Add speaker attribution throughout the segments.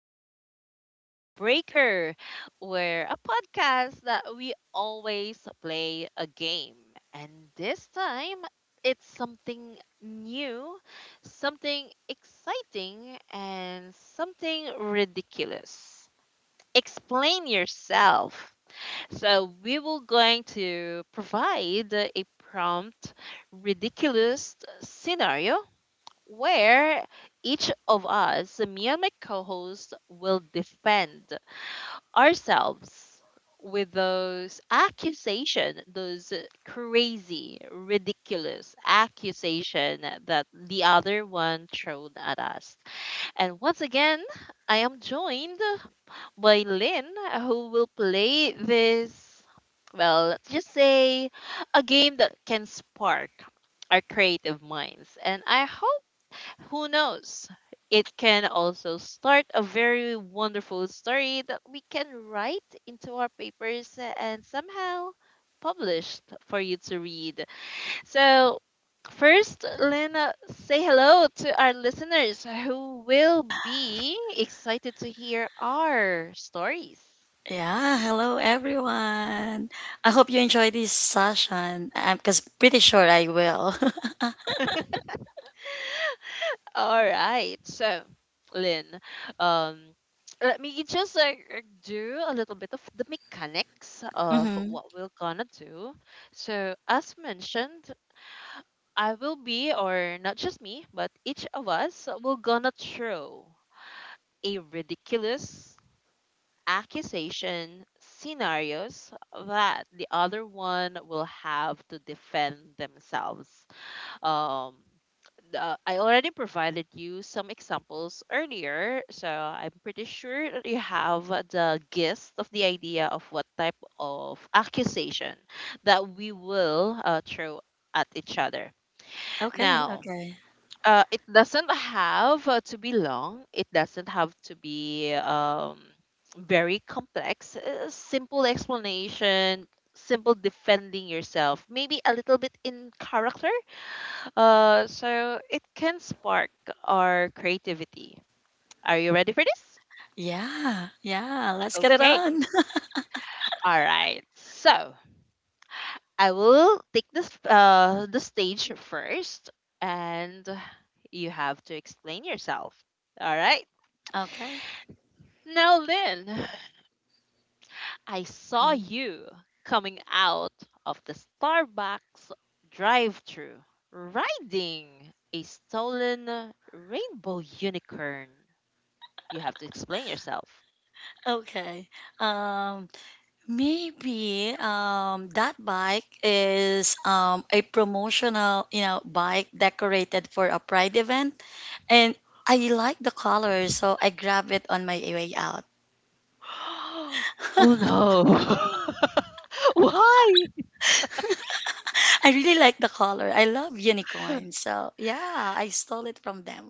Speaker 1: to Icebreaker, where a podcast that we always play a game. And this time, it's something new, something exciting, and something ridiculous. Explain yourself. So, we will going to provide a prompt ridiculous scenario where each of us, me and my co host, will defend ourselves with those accusation, those crazy, ridiculous accusation that the other one thrown at us. And once again, I am joined by Lynn, who will play this, well, let's just say a game that can spark our creative minds. And I hope, who knows? It can also start a very wonderful story that we can write into our papers and somehow published for you to read. So, first, Lena, say hello to our listeners who will be excited to hear our stories.
Speaker 2: Yeah, hello everyone. I hope you enjoy this session. I'm cause pretty sure I will.
Speaker 1: All right. So, Lynn, um, let me just like do a little bit of the mechanics of
Speaker 2: Hmm.
Speaker 1: what we're gonna do. So, as mentioned, I will be, or not just me, but each of us will gonna throw a ridiculous accusation scenarios that the other one will have to defend themselves um I already provided you some examples earlier, so I'm pretty sure that you have the gist of the idea of what type of accusation that we will throw at each other.
Speaker 2: Okay,
Speaker 1: Now,
Speaker 2: okay.
Speaker 1: it doesn't have to be long, it doesn't have to be very complex. Simple explanation, simple defending yourself, maybe a little bit in character so it can spark our creativity. Are you ready for this?
Speaker 2: Yeah, yeah. Let's get it
Speaker 1: Okay.
Speaker 2: on.
Speaker 1: All right. So I will take this the stage first, and you have to explain yourself. All right.
Speaker 2: Okay.
Speaker 1: Now, Lynn, I saw
Speaker 2: Mhm.
Speaker 1: you coming out of the Starbucks drive-thru riding a stolen rainbow unicorn. You have to explain yourself.
Speaker 2: Okay. Um, Maybe that bike is a promotional, bike decorated for a pride event, and I like the color, so I grab it on my way out.
Speaker 1: Oh no. Why?
Speaker 2: I really like the color. I love unicorns. So, yeah, I stole it from them.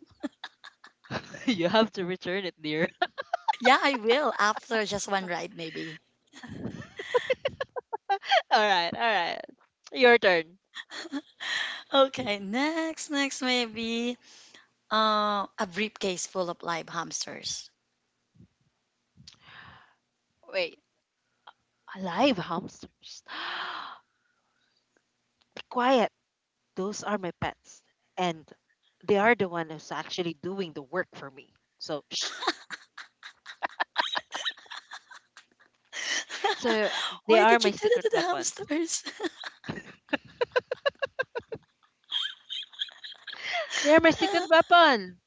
Speaker 1: You have to return it, dear.
Speaker 2: Yeah, I will after just one ride, maybe.
Speaker 1: All right, all right. Your turn.
Speaker 2: Okay, next, next, maybe a briefcase full of live hamsters.
Speaker 1: Wait. Alive hamsters. Be quiet. Those are my pets. And they are the one who's actually doing the work for me. So, shh. So, They
Speaker 2: Why
Speaker 1: are
Speaker 2: did
Speaker 1: my
Speaker 2: you do that
Speaker 1: secret
Speaker 2: to the
Speaker 1: weapons.
Speaker 2: hamsters?
Speaker 1: They are my secret weapon.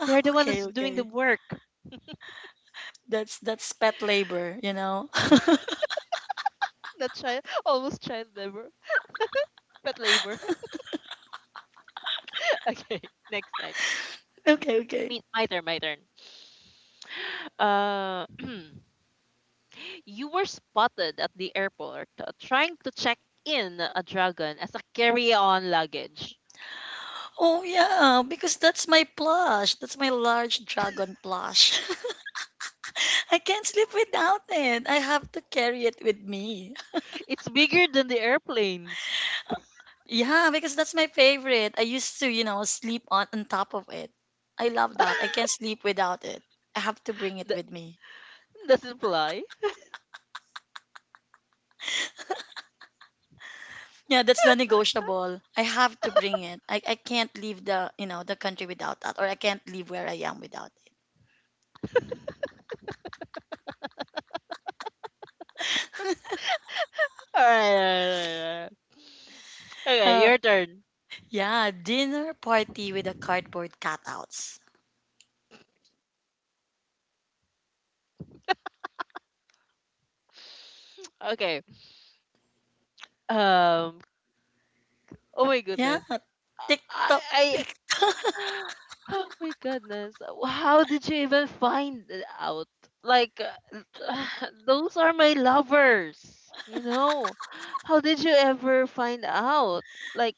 Speaker 2: Ah,
Speaker 1: They're the one who's
Speaker 2: okay,
Speaker 1: doing the
Speaker 2: okay.
Speaker 1: work.
Speaker 2: That's pet labor.
Speaker 1: Not child, almost child labor, but labor. Okay, next, next.
Speaker 2: Okay, okay.
Speaker 1: Me, my turn, my turn. Uh, you were spotted at the airport trying to check in a dragon as a carry-on luggage.
Speaker 2: Oh yeah, because that's my plush. That's my large dragon plush. I can't sleep without it. I have to carry it with me.
Speaker 1: It's bigger than the airplane.
Speaker 2: Yeah, because that's my favorite. I used to, you know, sleep on top of it. I love that. I can't sleep without it. I have to bring it
Speaker 1: Th-
Speaker 2: with me.
Speaker 1: doesn't fly.
Speaker 2: Yeah, that's not negotiable. I have to bring it. I can't leave the, you know, the country without that, or I can't leave where I am without it.
Speaker 1: All right. Okay,
Speaker 2: Um,
Speaker 1: your turn.
Speaker 2: yeah, dinner party with the cardboard cutouts.
Speaker 1: Okay. Um. Oh my
Speaker 2: Yeah,
Speaker 1: goodness. I
Speaker 2: TikTok.
Speaker 1: I
Speaker 2: Tik-
Speaker 1: Oh my goodness. How did you even find it out? Like, those are my lovers, you know? How did you ever find out? Like,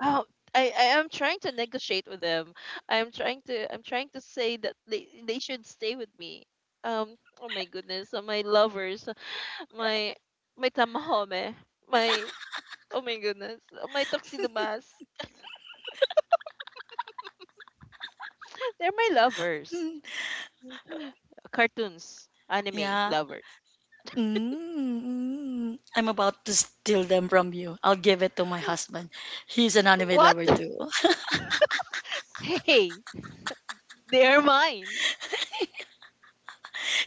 Speaker 1: how. I am trying to negotiate with them. I'm trying to say that they should stay with me. Um oh my goodness, my lovers, my my tamahome, my oh my goodness, my tuxedo mask. They're my lovers.
Speaker 2: mm,
Speaker 1: Cartoons, anime,
Speaker 2: yeah.
Speaker 1: lover.
Speaker 2: Mm, mm. I'm about to steal them from you. I'll give it to my husband. He's an anime
Speaker 1: What?
Speaker 2: lover too.
Speaker 1: Hey, they are mine.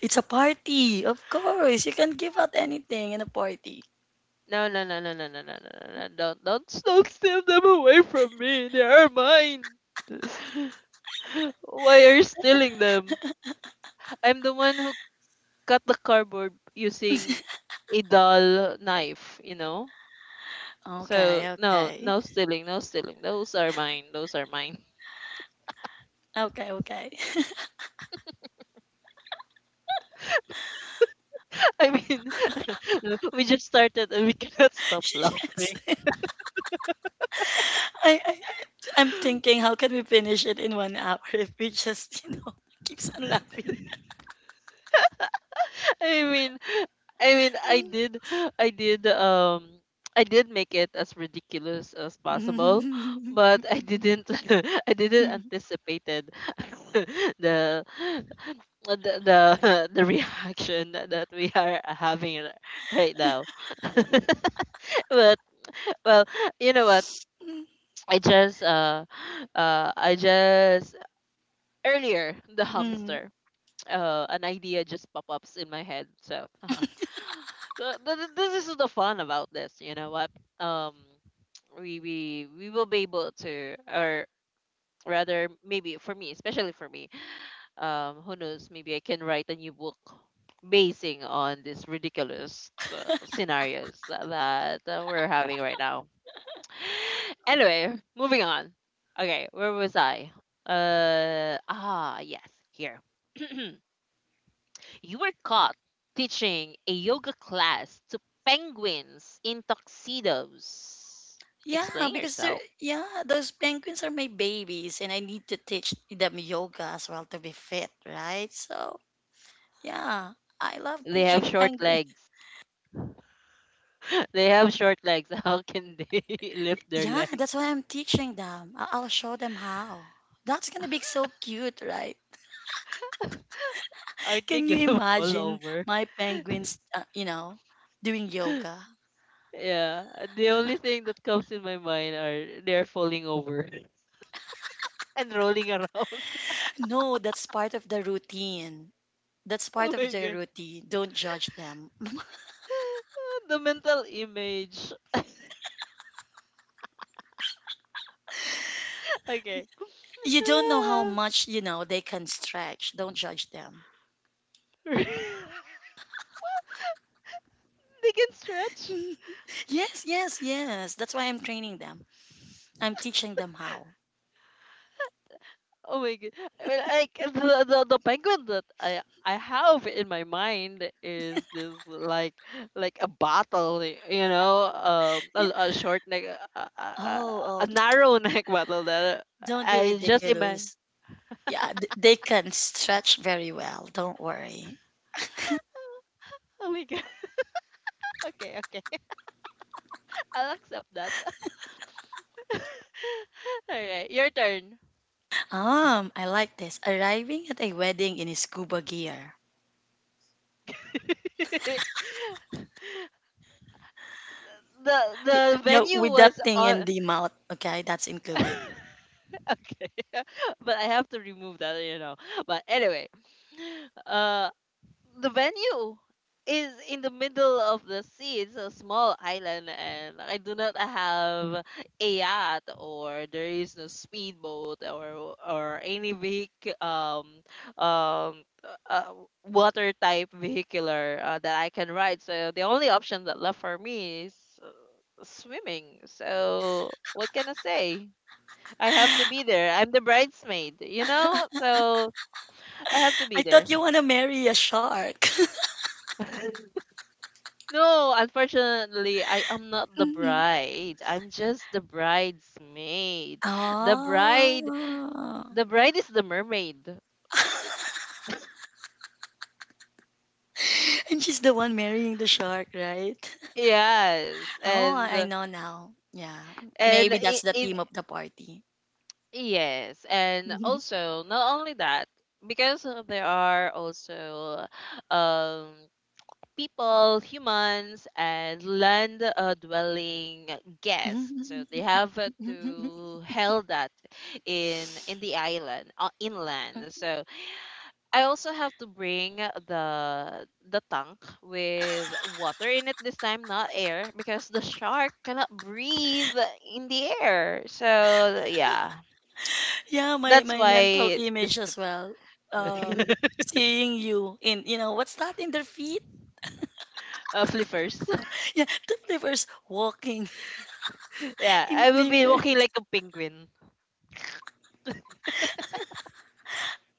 Speaker 2: It's a party, of course. You can give out anything in a party.
Speaker 1: No, no, no, no, no, no, no, no, no, no. Don't steal them away from me. They are mine. Why are you stealing them? I'm the one who cut the cardboard using a dull knife, you know? So,
Speaker 2: Okay,
Speaker 1: no,
Speaker 2: okay,
Speaker 1: no stealing, no stealing. Those are mine. Those are mine.
Speaker 2: okay, okay.
Speaker 1: I mean, we just started and we cannot stop
Speaker 2: Yes,
Speaker 1: laughing.
Speaker 2: I, I, I'm thinking, how can we finish it in 1 hour if we just, keeps on laughing?
Speaker 1: I mean, I mean, I did, um, I did make it as ridiculous as possible,
Speaker 2: Mm.
Speaker 1: but I didn't, I didn't anticipated the the reaction that we are having right now. But, well, you know what? I just uh I just earlier the
Speaker 2: Mm.
Speaker 1: hamster an idea just pop ups in my head. So this is the fun about this. You know what? Um, we will be able to, or rather, maybe for me, especially for me, who knows? Maybe I can write a new book basing on these ridiculous scenarios that, that we're having right now. Anyway, moving on. Okay, where was I? Yes, here. You were caught teaching a yoga class to penguins in tuxedos.
Speaker 2: Yeah,
Speaker 1: Explain
Speaker 2: because they're,
Speaker 1: yourself.
Speaker 2: yeah, those penguins are my babies, and I need to teach them yoga as well to be fit, right? So yeah, I love
Speaker 1: They have
Speaker 2: teaching
Speaker 1: short
Speaker 2: penguins.
Speaker 1: legs. They have short legs. How can they lift their
Speaker 2: Yeah, that's
Speaker 1: legs?
Speaker 2: why I'm teaching them. I'll show them how. That's gonna be so cute, right?
Speaker 1: Aren't they
Speaker 2: Can you
Speaker 1: gonna fall
Speaker 2: imagine
Speaker 1: over?
Speaker 2: my penguins, you know, doing yoga?
Speaker 1: Yeah. The only thing that comes in my mind are they're falling over and rolling around.
Speaker 2: No, that's part of the routine. That's
Speaker 1: Oh
Speaker 2: part of
Speaker 1: my
Speaker 2: their
Speaker 1: god.
Speaker 2: routine. Don't judge them.
Speaker 1: The mental image. Okay.
Speaker 2: You don't know how much, you know, they can stretch. Don't judge them.
Speaker 1: They can stretch.
Speaker 2: Yes, yes, yes. That's why I'm training them. I'm teaching them how.
Speaker 1: Oh my god! I mean, like the, the penguin that I have in my mind is this like a bottle, you know,
Speaker 2: Yeah.
Speaker 1: a short neck,
Speaker 2: Oh,
Speaker 1: a
Speaker 2: oh,
Speaker 1: narrow neck bottle that
Speaker 2: don't be
Speaker 1: I just imagine.
Speaker 2: ridiculous. Yeah, they can stretch very well. Don't worry.
Speaker 1: Oh my god! Okay, okay, I'll accept that. All right, your turn.
Speaker 2: I like this. Arriving at a wedding in scuba gear.
Speaker 1: the the
Speaker 2: Yeah,
Speaker 1: venue
Speaker 2: with that
Speaker 1: was
Speaker 2: thing in
Speaker 1: on.
Speaker 2: the mouth. Okay, that's
Speaker 1: Okay,
Speaker 2: included.
Speaker 1: but I have to remove that, you know. But anyway, uh, the venue is in the middle of the sea. It's a small island, and I do not have a yacht, or there is no speedboat, or any vehicle, um, uh, water type vehicular that I can ride. So the only option that left for me is uh, swimming. So what can I say? I have to be there. I'm the bridesmaid, you know. So I have to be
Speaker 2: I
Speaker 1: there.
Speaker 2: thought you want to marry a shark.
Speaker 1: No, unfortunately, I am not the
Speaker 2: Mhm.
Speaker 1: bride. I'm just the bridesmaid. The bride,
Speaker 2: Oh.
Speaker 1: the bride is the mermaid.
Speaker 2: And she's the one marrying the shark, right?
Speaker 1: Yes,
Speaker 2: Oh,
Speaker 1: and
Speaker 2: I know now. Yeah. Maybe that's the
Speaker 1: in
Speaker 2: theme of the party.
Speaker 1: yes, and also not only that, because there are also um people, humans, and land dwelling guests. So they have to held that in the island, inland. So I also have to bring the tank with water in it this time, not air, because the shark cannot breathe in the air. So yeah,
Speaker 2: Yeah, my
Speaker 1: that's
Speaker 2: my mental
Speaker 1: why the
Speaker 2: image
Speaker 1: scoop
Speaker 2: as well. Um, seeing you in, you know, what's that in their feet?
Speaker 1: flippers.
Speaker 2: Yeah, the flippers walking
Speaker 1: Yeah,
Speaker 2: in
Speaker 1: I will be
Speaker 2: flipper.
Speaker 1: walking like a penguin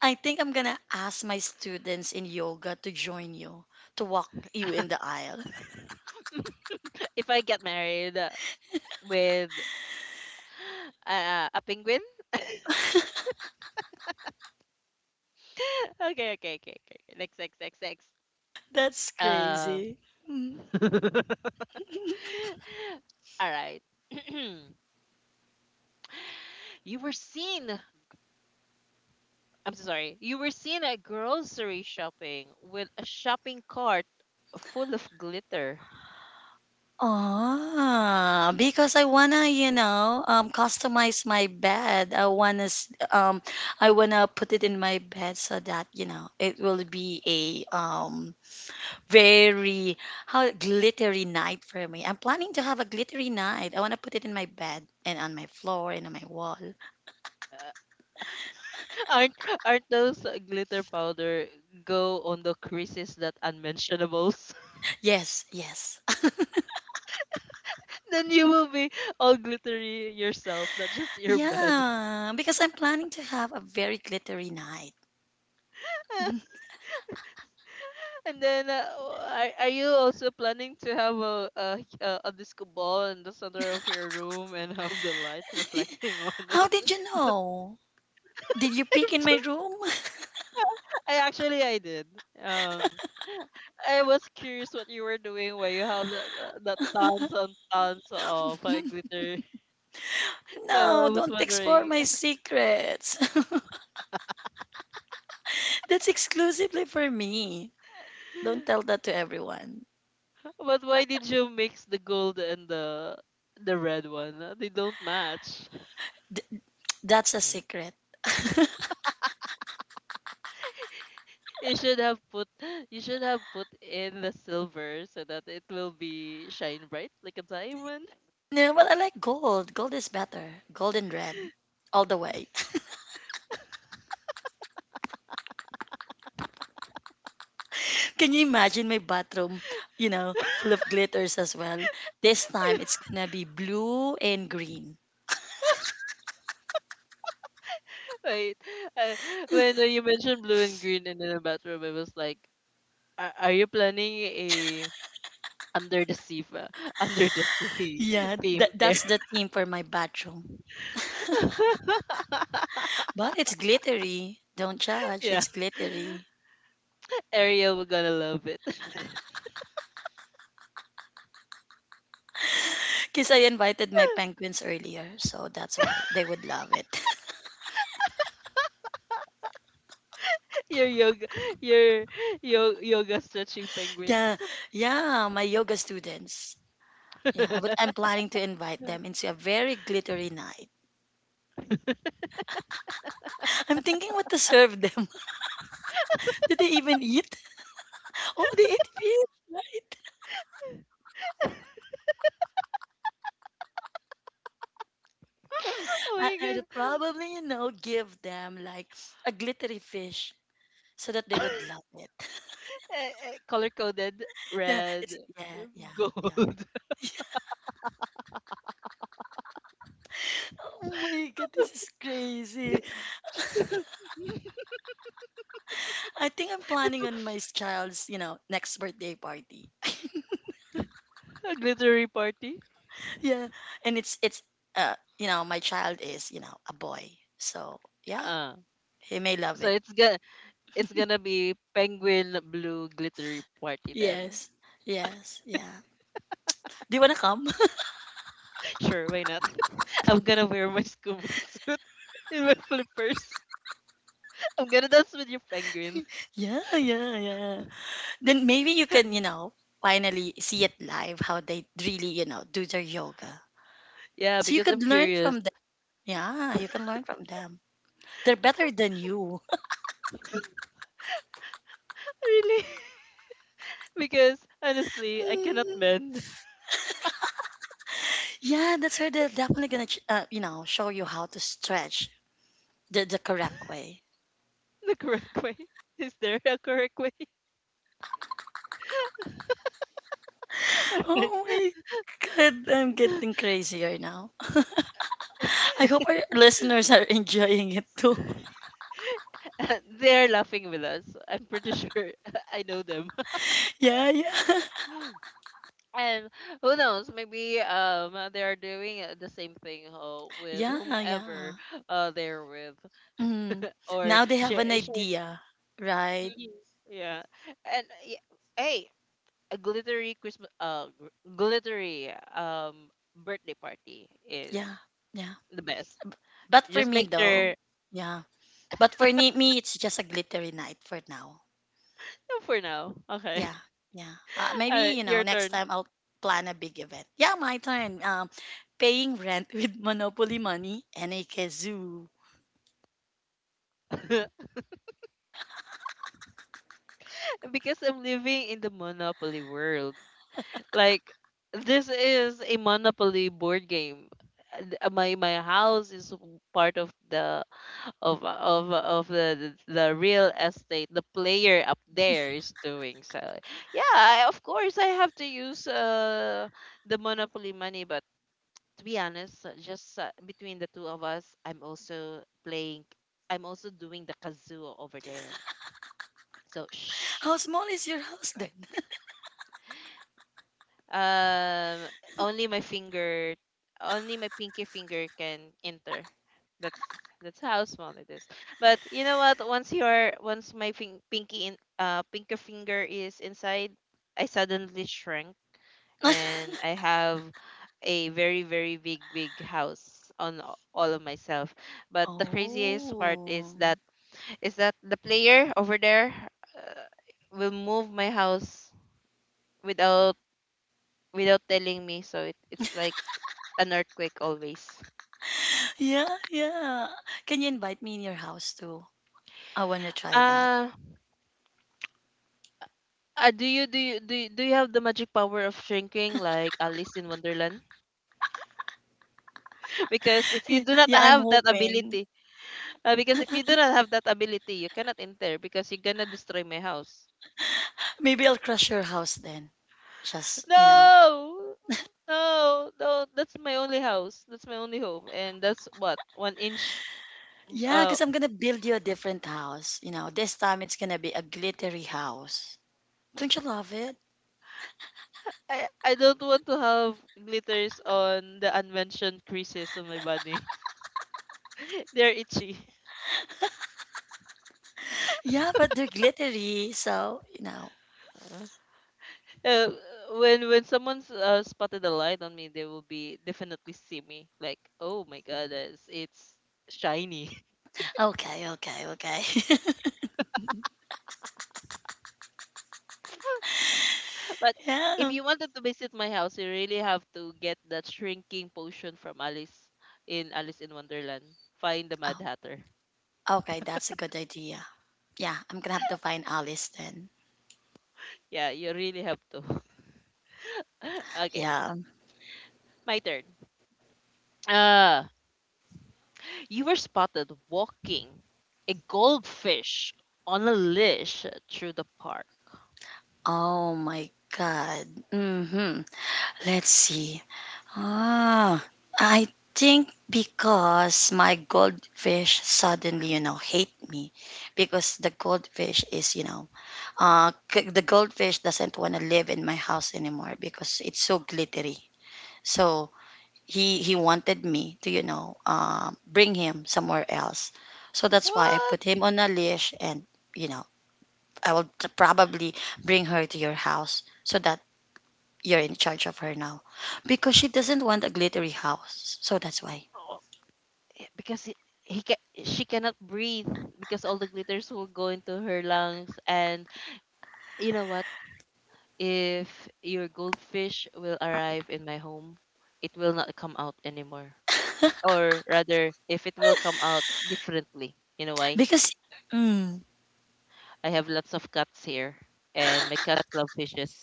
Speaker 2: I think I'm gonna ask my students in yoga to join you to walk you in the aisle.
Speaker 1: if I get married with a penguin. Okay, okay, okay, okay. Next, next, next, next.
Speaker 2: That's
Speaker 1: Uh,
Speaker 2: crazy. Mm.
Speaker 1: all right. you were seen I'm so sorry. You were seen at grocery shopping with a shopping cart full of glitter.
Speaker 2: Ah, because I wanna, customize my bed. I wanna put it in my bed so that you know it will be a very how glittery night for me. I'm planning to have a glittery night. I want to put it in my bed and on my floor and on my wall.
Speaker 1: aren't aren't those glitter powder go on the creases that unmentionables?
Speaker 2: Yes, yes.
Speaker 1: Then you will be all glittery yourself, not just your bed.
Speaker 2: Yeah, because I'm planning to have a very glittery night.
Speaker 1: And then, are you also planning to have a disco ball in the center of your room and have the light reflecting on
Speaker 2: How
Speaker 1: it?
Speaker 2: did you know?
Speaker 1: So
Speaker 2: Did you
Speaker 1: I'm
Speaker 2: peek in my
Speaker 1: just,
Speaker 2: room?
Speaker 1: I actually I did. Um, I was curious what you were doing where you have that that the tons and tons of glitter. So I
Speaker 2: No,
Speaker 1: was
Speaker 2: don't explore my
Speaker 1: wondering,
Speaker 2: secrets. That's exclusively for me. Don't tell that to everyone.
Speaker 1: but why did you mix the gold and the red one? They don't match.
Speaker 2: D- that's a secret.
Speaker 1: You should have put you should have put in the silver so that it will be shine bright like a diamond.
Speaker 2: No, but I like gold. Gold is better. Gold and red. All the way. Can you imagine my bathroom, you know, full of glitters as well? This time it's gonna be blue and green.
Speaker 1: Wait, uh, when you mentioned blue and green and in the bathroom, I was like, are you planning a Under the Sea, Under the Sea
Speaker 2: Yeah,
Speaker 1: theme
Speaker 2: that
Speaker 1: there.
Speaker 2: that's the theme for my bathroom. But it's glittery. Don't judge,
Speaker 1: Yeah.
Speaker 2: it's glittery.
Speaker 1: Ariel we're gonna love it.
Speaker 2: Because I invited my penguins earlier, so that's why they would love it.
Speaker 1: Your yoga your yoga stretching
Speaker 2: Yeah,
Speaker 1: penguins.
Speaker 2: yeah, my yoga students. Yeah, but I'm
Speaker 1: Oh
Speaker 2: planning to invite them into a very glittery night. I'm thinking what to serve them. Did they even eat? Oh, they ate fish, right? I,
Speaker 1: my
Speaker 2: I'll
Speaker 1: god.
Speaker 2: probably, you know, give them like a glittery fish so that they would love it.
Speaker 1: Eh, eh, color coded
Speaker 2: Yeah,
Speaker 1: red
Speaker 2: it's yeah, yeah, yeah.
Speaker 1: gold.
Speaker 2: Oh my god, this is crazy. I think I'm
Speaker 1: It's
Speaker 2: planning on my child's, you know, next birthday party.
Speaker 1: a glittery party.
Speaker 2: Yeah. And it's you know, my child is, you know, a boy. So, yeah,
Speaker 1: Uh
Speaker 2: he may love
Speaker 1: so
Speaker 2: it.
Speaker 1: it's gonna be penguin blue glittery party then.
Speaker 2: Yes. Yes, yeah. Do you want to come?
Speaker 1: Sure, why not? I'm gonna wear my scuba suit in my flippers. I'm gonna dance with your penguin.
Speaker 2: Yeah, yeah, yeah. Then maybe you can, you know, finally see it live how they really, you know, do their yoga.
Speaker 1: Yeah,
Speaker 2: So you
Speaker 1: because I'm
Speaker 2: could learn
Speaker 1: curious.
Speaker 2: from them. Yeah, you can learn from them. They're better than you.
Speaker 1: Really? Because honestly, I cannot
Speaker 2: Mm.
Speaker 1: bend
Speaker 2: Yeah, that's where they're definitely gonna, you know, show you how to stretch the correct way.
Speaker 1: the correct way. Is there a correct way?
Speaker 2: Oh my god, I'm getting crazier now. I hope our listeners are enjoying it too.
Speaker 1: They're laughing with us. I'm pretty sure I know them.
Speaker 2: Yeah, yeah,
Speaker 1: And who knows? Maybe they are doing the same thing with
Speaker 2: yeah, yeah.
Speaker 1: whomever they're with
Speaker 2: Mm.
Speaker 1: or
Speaker 2: Now they have an
Speaker 1: share.
Speaker 2: idea, right?
Speaker 1: Mhm. Yeah, and yeah, hey, a glittery Christmas, glittery birthday party
Speaker 2: Yeah,
Speaker 1: is
Speaker 2: yeah.
Speaker 1: the best.
Speaker 2: But for
Speaker 1: Just
Speaker 2: me
Speaker 1: make
Speaker 2: though,
Speaker 1: sure
Speaker 2: yeah. But for me, it's just a glittery night for now.
Speaker 1: for now. Okay,
Speaker 2: Yeah, yeah. Maybe
Speaker 1: all right,
Speaker 2: you know
Speaker 1: your
Speaker 2: next
Speaker 1: turn.
Speaker 2: time I'll plan a big event. Yeah, my turn. Paying rent with Monopoly money and a kazoo.
Speaker 1: Because I'm living in the Monopoly world. Like this is a Monopoly board game. And, my house is part of the of the real estate the player up there is doing. So yeah, I, of course I have to use the monopoly money, but to be honest, just between the two of us, I'm also playing, I'm also doing the kazoo over there, so shh.
Speaker 2: How small is your house then?
Speaker 1: Because Um, only my finger, only my pinky finger can enter. That's that's how small it is. But you know what? Once your once my pinky in pinky finger is inside, I suddenly shrank and I have a very very big big house on all of myself. But the craziest part
Speaker 2: Oh,
Speaker 1: is that the player over there uh, will move my house without without telling me. So it's like an earthquake always.
Speaker 2: yeah, yeah. Can you invite me in your house too? I wanna try that.
Speaker 1: Uh, do you have the magic power of shrinking like Alice in Wonderland? Because if you
Speaker 2: Yeah,
Speaker 1: do not
Speaker 2: yeah, I'm
Speaker 1: have that
Speaker 2: hoping.
Speaker 1: ability, because if you do not have that ability, you cannot enter because you're gonna destroy my house.
Speaker 2: Maybe I'll crush your house then. Just you know,
Speaker 1: No. No, no, that's my only house. That's my only home, and that's what one inch.
Speaker 2: Yeah,
Speaker 1: Uh,
Speaker 2: because I'm gonna build you a different house. You know, this time it's gonna be a glittery house. Don't you love it?
Speaker 1: I don't want to have glitters on the unmentioned creases on my body. They're itchy.
Speaker 2: Yeah, but they're glittery, so you know.
Speaker 1: Uh, uh, when someone's spotted a light on me, they will be definitely see me like, oh my god, it's shiny.
Speaker 2: Okay, okay, okay.
Speaker 1: But if
Speaker 2: Yeah.
Speaker 1: you wanted to visit my house, you really have to get that shrinking potion from Alice in Alice in Wonderland. Find the Mad
Speaker 2: Oh,
Speaker 1: Hatter.
Speaker 2: okay, that's a good idea. Yeah, I'm gonna have to find Alice then.
Speaker 1: Yeah, you really have to. Okay,
Speaker 2: Yeah.
Speaker 1: my turn. Uh, you were spotted walking a goldfish on a leash through the park.
Speaker 2: Oh my god. Mm-hmm. Let's see. Ah, I think because my goldfish suddenly, you know, hate me because the goldfish is, you know, the goldfish doesn't want to live in my house anymore because it's so glittery. So he wanted me to, you know, bring him somewhere else. So that's why I
Speaker 1: What?
Speaker 2: put him on a leash and, you know, I will t- probably bring her to your house so that you're in charge of her now because she doesn't want a glittery house, so that's why
Speaker 1: Eh, because it, he ca- She cannot breathe because all the glitters will go into her lungs, and you know what, if your goldfish will arrive in my home, it will not come out anymore, or rather if it will come out differently. You know why?
Speaker 2: because mm,
Speaker 1: I have lots of cats here, and my cats love fishes.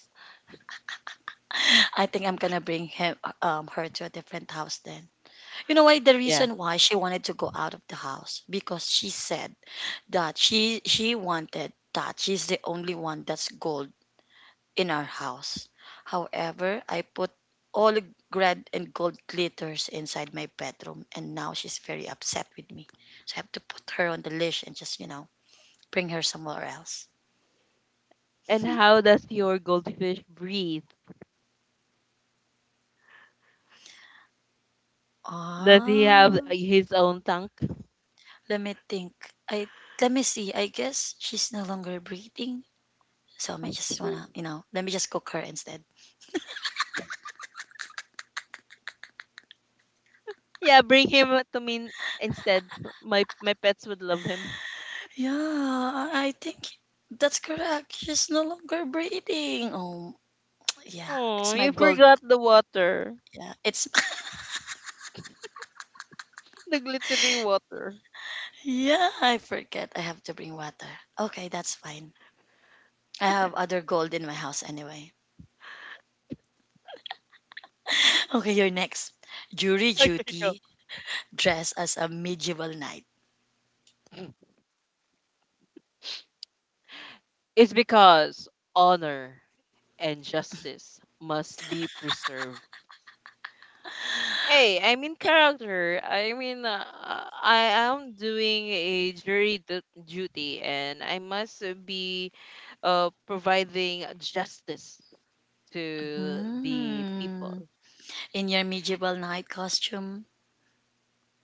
Speaker 2: I think I'm gonna bring him, her to a different house then. You know why, the
Speaker 1: Yeah,
Speaker 2: reason why she wanted to go out of the house, because she said that she wanted that she's the only one that's gold in our house. However, I put all the red and gold glitters inside my bedroom and now she's very upset with me. So I have to put her on the leash and just bring her somewhere else.
Speaker 1: and how does your goldfish breathe? Does he have
Speaker 2: Ah,
Speaker 1: his own tank?
Speaker 2: let me think. I let me see. I guess she's no longer breathing, so I may just wanna, you know, let me just cook her instead.
Speaker 1: Yeah, bring him to me instead. My pets would love him.
Speaker 2: Yeah, I think that's correct. She's no longer breathing. Oh, yeah, it's
Speaker 1: Oh,
Speaker 2: my
Speaker 1: you
Speaker 2: gold.
Speaker 1: forgot the water.
Speaker 2: Yeah, it's
Speaker 1: The glittery water.
Speaker 2: yeah. I forget. I have to bring water. Okay, that's fine. I have other gold in my house anyway. Okay, you're next. Jury
Speaker 1: Okay, go.
Speaker 2: duty dress as a medieval knight.
Speaker 1: It's because honor and justice must be preserved. Hey, I'm in character. I am doing a duty, and I must be providing justice to the
Speaker 2: Hmm.
Speaker 1: people.
Speaker 2: In your medieval knight costume?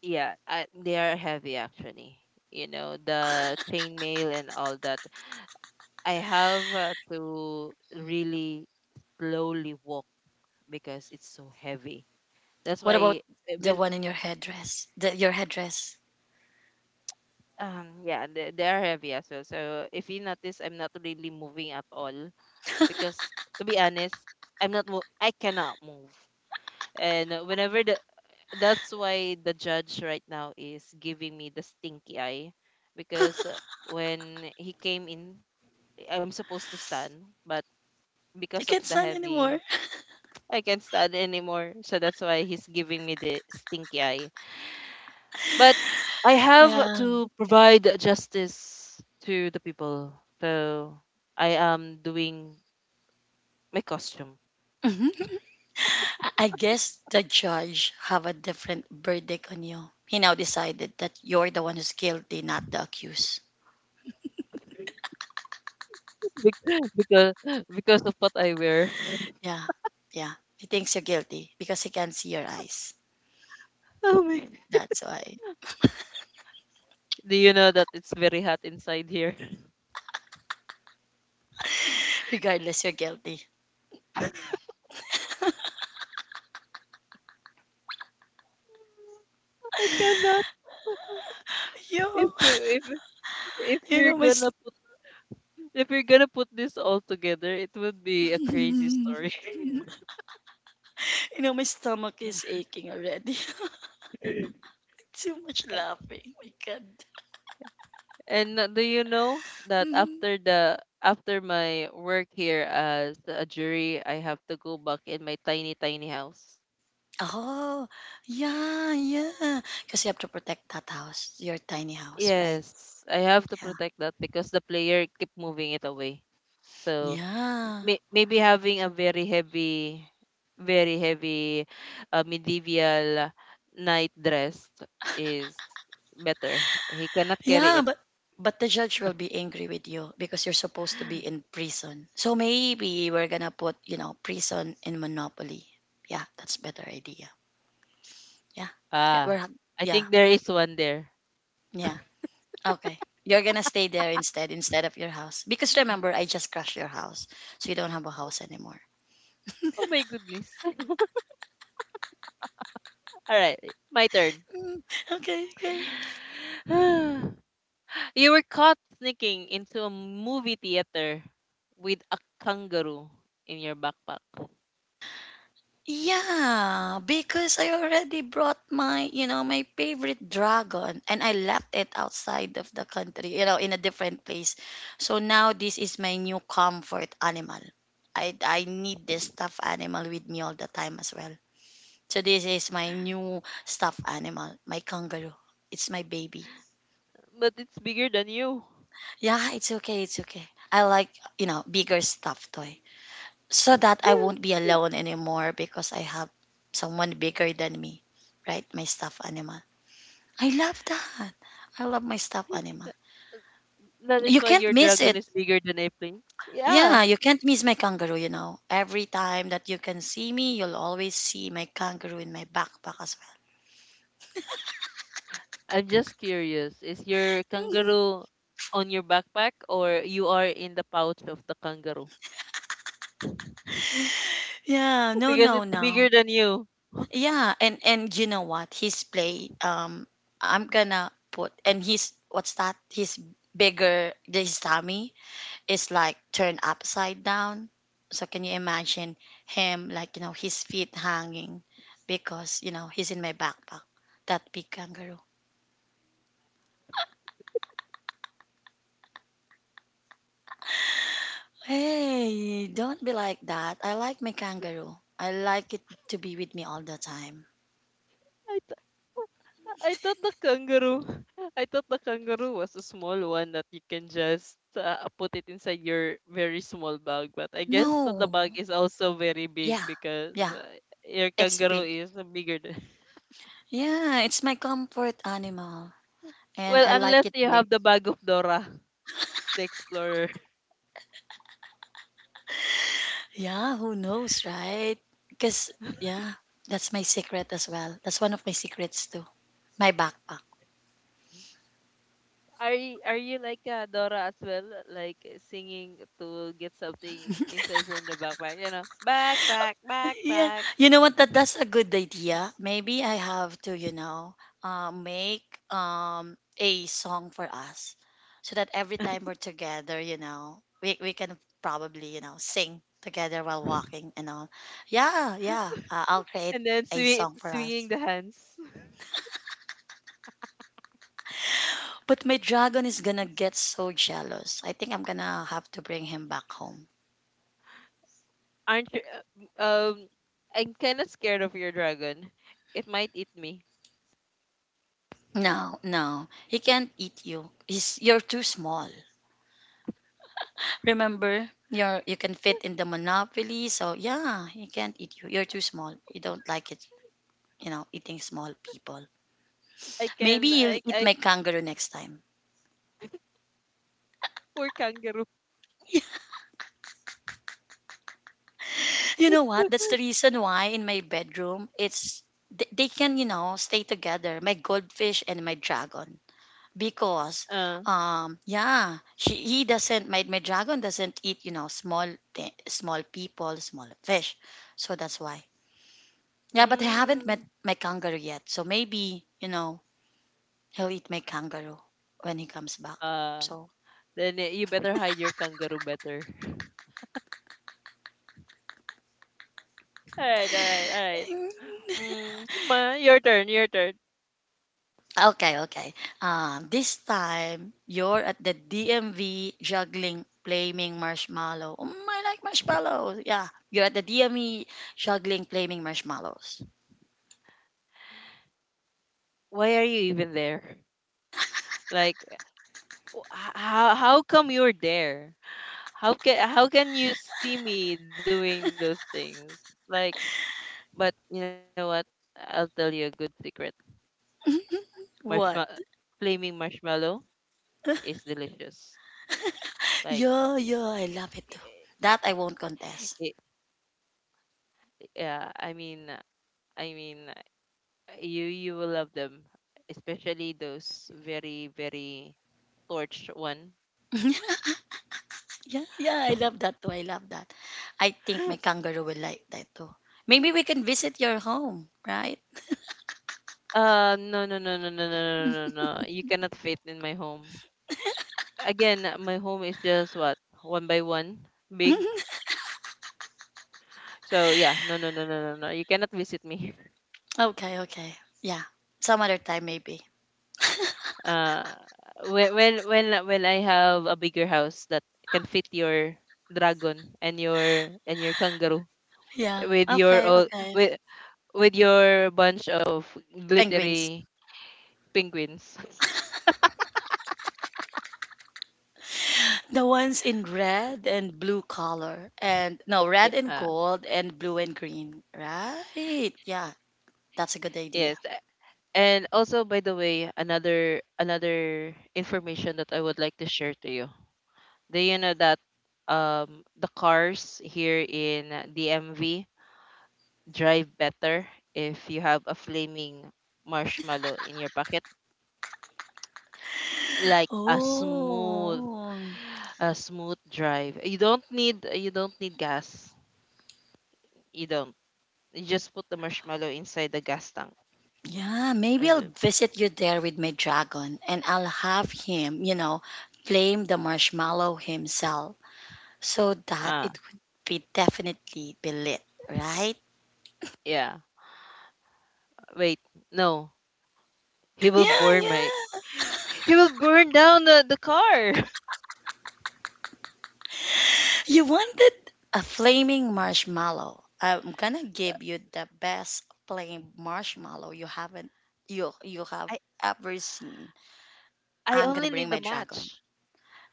Speaker 1: Yeah, I, they are heavy actually. You know, the chainmail and all that. I have to really slowly walk because it's so heavy. That's
Speaker 2: What about
Speaker 1: why uh,
Speaker 2: the
Speaker 1: when
Speaker 2: one in your headdress? The, your headdress.
Speaker 1: yeah they are heavy as well. So if you notice, I'm not really moving at all because to be honest, I'm not mo- I cannot move. And whenever the that's why the judge right now is giving me the stinky eye because when he came in, I'm supposed to stand, but
Speaker 2: I
Speaker 1: because of
Speaker 2: can't
Speaker 1: the
Speaker 2: stand anymore.
Speaker 1: heavy I can't stand anymore. So that's why he's giving me the stinky eye. But I have
Speaker 2: Yeah.
Speaker 1: to provide justice to the people. So I am doing my costume.
Speaker 2: Mhm. I guess the judge have a different verdict on you. He now decided that you're the one who's guilty, not the accused.
Speaker 1: Bec- because because of what I wear.
Speaker 2: Yeah. Yeah. He thinks you're guilty because he can see your eyes.
Speaker 1: Oh my.
Speaker 2: That's why.
Speaker 1: Do you know that it's very hot inside here?
Speaker 2: Regardless, you're guilty.
Speaker 1: I cannot.
Speaker 2: Yo,
Speaker 1: If we- if if
Speaker 2: you
Speaker 1: we're
Speaker 2: know my s-
Speaker 1: gonna put if we're gonna put this all together, it would be a crazy
Speaker 2: you
Speaker 1: story.
Speaker 2: know my stomach is aching already. Too much laughing. My God.
Speaker 1: And do you know that
Speaker 2: Mhm.
Speaker 1: after my work here as a jury, I have to go back in my tiny tiny house.
Speaker 2: Oh, yeah, yeah. Because you have to protect that house, your tiny house, right?
Speaker 1: Yes, I have to
Speaker 2: Yeah,
Speaker 1: protect that because the player keep moving it away. So
Speaker 2: yeah,
Speaker 1: maybe having a very heavy medieval night dress is better. He cannot carry
Speaker 2: yeah.
Speaker 1: it.
Speaker 2: But the judge will be angry with you because you're supposed to be in prison. So maybe we're gonna put, you know, prison in Monopoly. Yeah, that's better idea. Yeah, yeah,
Speaker 1: Ah,
Speaker 2: we're
Speaker 1: I
Speaker 2: yeah,
Speaker 1: think there is one there.
Speaker 2: yeah. Okay, you're gonna stay there instead of your house because remember I just crashed your house, so you don't have a house anymore.
Speaker 1: Oh my goodness. All right, my turn.
Speaker 2: Mm, okay, okay.
Speaker 1: You were caught sneaking into a movie theater with a kangaroo in your backpack,
Speaker 2: Yeah, because I already brought my, you know, my favorite dragon and I left it outside of the country, you know, in a different place. So now this is my new comfort animal. I need this stuffed animal with me all the time as well. So this is my new stuffed animal, my kangaroo. It's my baby.
Speaker 1: but it's bigger than you.
Speaker 2: Yeah, it's okay, it's okay. I like, you know, bigger stuffed toy, so that I won't be alone anymore because I have someone bigger than me, right? My stuffed animal. I love that. I love my stuffed animal.
Speaker 1: That is
Speaker 2: You
Speaker 1: why
Speaker 2: can't
Speaker 1: your
Speaker 2: miss
Speaker 1: dragon
Speaker 2: it.
Speaker 1: is bigger than a plane.
Speaker 2: Yeah,
Speaker 1: Yeah.
Speaker 2: you can't miss my kangaroo, you know. Every time that you can see me, you'll always see my kangaroo in my backpack as well.
Speaker 1: I'm just curious. Is your kangaroo on your backpack, or you are in the pouch of the kangaroo?
Speaker 2: Yeah, no,
Speaker 1: Because
Speaker 2: no,
Speaker 1: it's bigger
Speaker 2: no.
Speaker 1: than you.
Speaker 2: Yeah, and you know what? His play, I'm gonna put and he's what's that? His bigger, his tummy is like turned upside down. So can you imagine him, like, you know, his feet hanging because, you know, he's in my backpack. That big kangaroo. Hey, don't be like that. I like my kangaroo. I like it to be with me all the time.
Speaker 1: I I thought the kangaroo I thought the kangaroo was a small one that you can just put it inside your very small bag. But I guess the
Speaker 2: No.
Speaker 1: bag is also very big
Speaker 2: Yeah.
Speaker 1: because
Speaker 2: Yeah.
Speaker 1: your
Speaker 2: It's
Speaker 1: kangaroo
Speaker 2: big.
Speaker 1: is bigger than.
Speaker 2: Yeah, it's my comfort animal and
Speaker 1: Well,
Speaker 2: I like
Speaker 1: unless
Speaker 2: it
Speaker 1: you
Speaker 2: big.
Speaker 1: have the bag of Dora the Explorer.
Speaker 2: Yeah, who knows, right? Because yeah, that's my secret as well. That's one of my secrets too. My backpack.
Speaker 1: Are you like Dora as well, like singing to get something inside from the backpack? You know, backpack,
Speaker 2: Yeah,
Speaker 1: backpack,
Speaker 2: you know what? That's a good idea. Maybe I have to, you know, make a song for us, so that every time we're together, you know, we can probably, you know, sing together while walking and all. Yeah, yeah. I'll create
Speaker 1: and then
Speaker 2: a song for us.
Speaker 1: swinging the hands.
Speaker 2: But my dragon is gonna get so jealous. I think I'm gonna have to bring him back home.
Speaker 1: Aren't you? uh, Um, I'm kind of scared of your dragon. It might eat me.
Speaker 2: No, no, he can't eat you. He's you're too small. Remember, you can fit in the monopoly, so yeah, you can't eat you. You're too small. You don't like it, you know, eating small people.
Speaker 1: I
Speaker 2: Maybe
Speaker 1: can.
Speaker 2: you'll
Speaker 1: I.
Speaker 2: eat
Speaker 1: I
Speaker 2: my kangaroo next time.
Speaker 1: poor kangaroo.
Speaker 2: You know what? That's the reason why in my bedroom, it's they can, you know, stay together. My goldfish and my dragon because
Speaker 1: Uh.
Speaker 2: yeah, she he doesn't, my dragon doesn't eat, you know, small small people, small fish, so that's why. Yeah, but I haven't met
Speaker 1: Mm.
Speaker 2: my kangaroo yet. So maybe, you know, he'll eat my kangaroo when he comes back.
Speaker 1: Uh.
Speaker 2: So,
Speaker 1: Then you better hide your kangaroo better. All right. All right. All right. Mm, ma, your turn. Your turn.
Speaker 2: okay, okay. This time, you're at the DMV juggling, flaming marshmallow. Mm, I like marshmallows. Yeah, you're at the DMV juggling, flaming marshmallows.
Speaker 1: Why are you even there? Like, how come you're there? How can you see me doing those things? Like, but you know what? I'll tell you a good secret. Marshmallow
Speaker 2: What?
Speaker 1: flaming marshmallow is delicious. Like
Speaker 2: Yeah, yeah, I love it. That I won't
Speaker 1: it,
Speaker 2: contest.
Speaker 1: yeah, I mean, uh, you you will love them, especially those very very torch one.
Speaker 2: Yeah, yeah, I love that too. I love that. I think my kangaroo will like that too. Maybe we can visit your home, right?
Speaker 1: No, no, no, no, no, no, no, no, no, no. You cannot fit in my home. Again, my home is just what one by one, big. So yeah, no, no, no, no, no, no. You cannot visit me.
Speaker 2: Okay, okay. Yeah. Some other time maybe.
Speaker 1: Uh, when when I have a bigger house that can fit your dragon and your kangaroo
Speaker 2: Yeah.
Speaker 1: with your
Speaker 2: Okay,
Speaker 1: all
Speaker 2: okay.
Speaker 1: with with your bunch of
Speaker 2: Penguins.
Speaker 1: glittery penguins.
Speaker 2: The ones in red and blue color and no, red and
Speaker 1: Yeah,
Speaker 2: gold and blue and green. Right. Yeah. That's a good
Speaker 1: yes.
Speaker 2: idea.
Speaker 1: And also by the way, another information that I would like to share to you. Do you know that the cars here in DMV drive better if you have a flaming marshmallow in your pocket? Like a smooth
Speaker 2: Oh.
Speaker 1: drive. You don't need gas. You don't You just put the marshmallow inside the gas tank,
Speaker 2: Yeah, maybe
Speaker 1: and
Speaker 2: I'll
Speaker 1: then
Speaker 2: visit you there with my dragon and I'll have him, you know, flame the marshmallow himself so that
Speaker 1: ah
Speaker 2: it would be definitely be lit, right?
Speaker 1: yeah wait no he will
Speaker 2: Yeah,
Speaker 1: burn my
Speaker 2: yeah.
Speaker 1: he will burn down the car.
Speaker 2: You wanted a flaming marshmallow. I'm gonna give you the best flame marshmallow you haven't you have
Speaker 1: i
Speaker 2: ever seen.
Speaker 1: I
Speaker 2: I'm gonna
Speaker 1: only
Speaker 2: bring
Speaker 1: need the
Speaker 2: my dragon.
Speaker 1: match.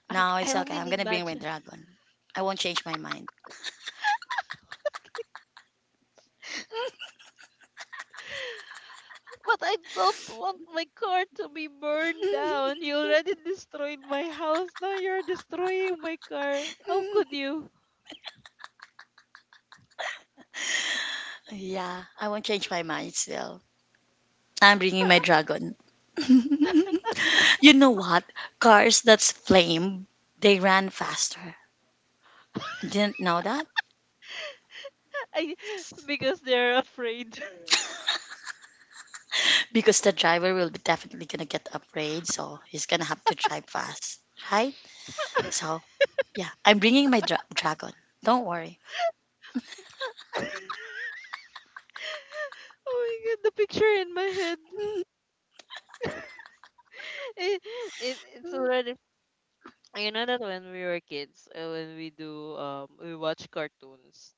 Speaker 2: No,
Speaker 1: I
Speaker 2: it's okay.
Speaker 1: only
Speaker 2: I'm
Speaker 1: need
Speaker 2: gonna bring
Speaker 1: match,
Speaker 2: my dragon. I won't change my mind.
Speaker 1: but I don't want my car to be burned down. You already destroyed my house, now you're destroying my car. How could you?
Speaker 2: Yeah, I won't change my mind still. I'm bringing my dragon. You know what? Cars that's flame, they ran faster. Didn't know that?
Speaker 1: I because they're afraid.
Speaker 2: Because the driver will be definitely gonna get afraid, so he's gonna have to drive fast, right? So, yeah, I'm bringing my dragon. Don't worry.
Speaker 1: Oh my god, the picture in my head. It, it it's already you know that when we were kids, when we do we watch cartoons,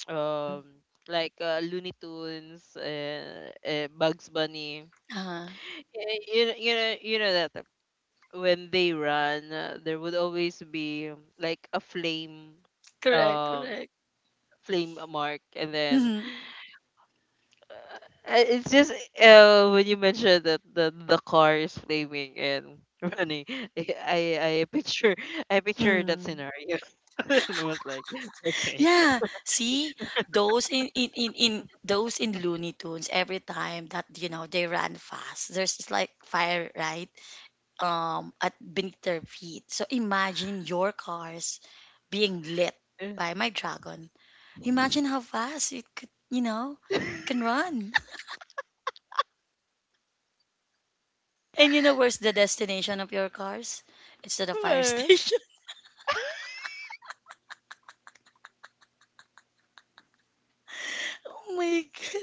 Speaker 1: um like Looney Tunes, Bugs Bunny.
Speaker 2: uh,
Speaker 1: You know that when they run, there would always be like a flame,
Speaker 2: Correct,
Speaker 1: um
Speaker 2: correct.
Speaker 1: flame mark, and then it's just when you mentioned that the car is flaming and running, I I, I picture that
Speaker 2: Mm-hmm.
Speaker 1: scenario and I was like, okay,
Speaker 2: Yeah, see those in those in Looney Tunes every time that, you know, they ran fast. There's just like fire right at beneath their feet. So imagine your cars being lit by my dragon. Imagine how fast it could, you know, it can run. And you know where's the destination of your cars? It's to the fire station. Oh my god!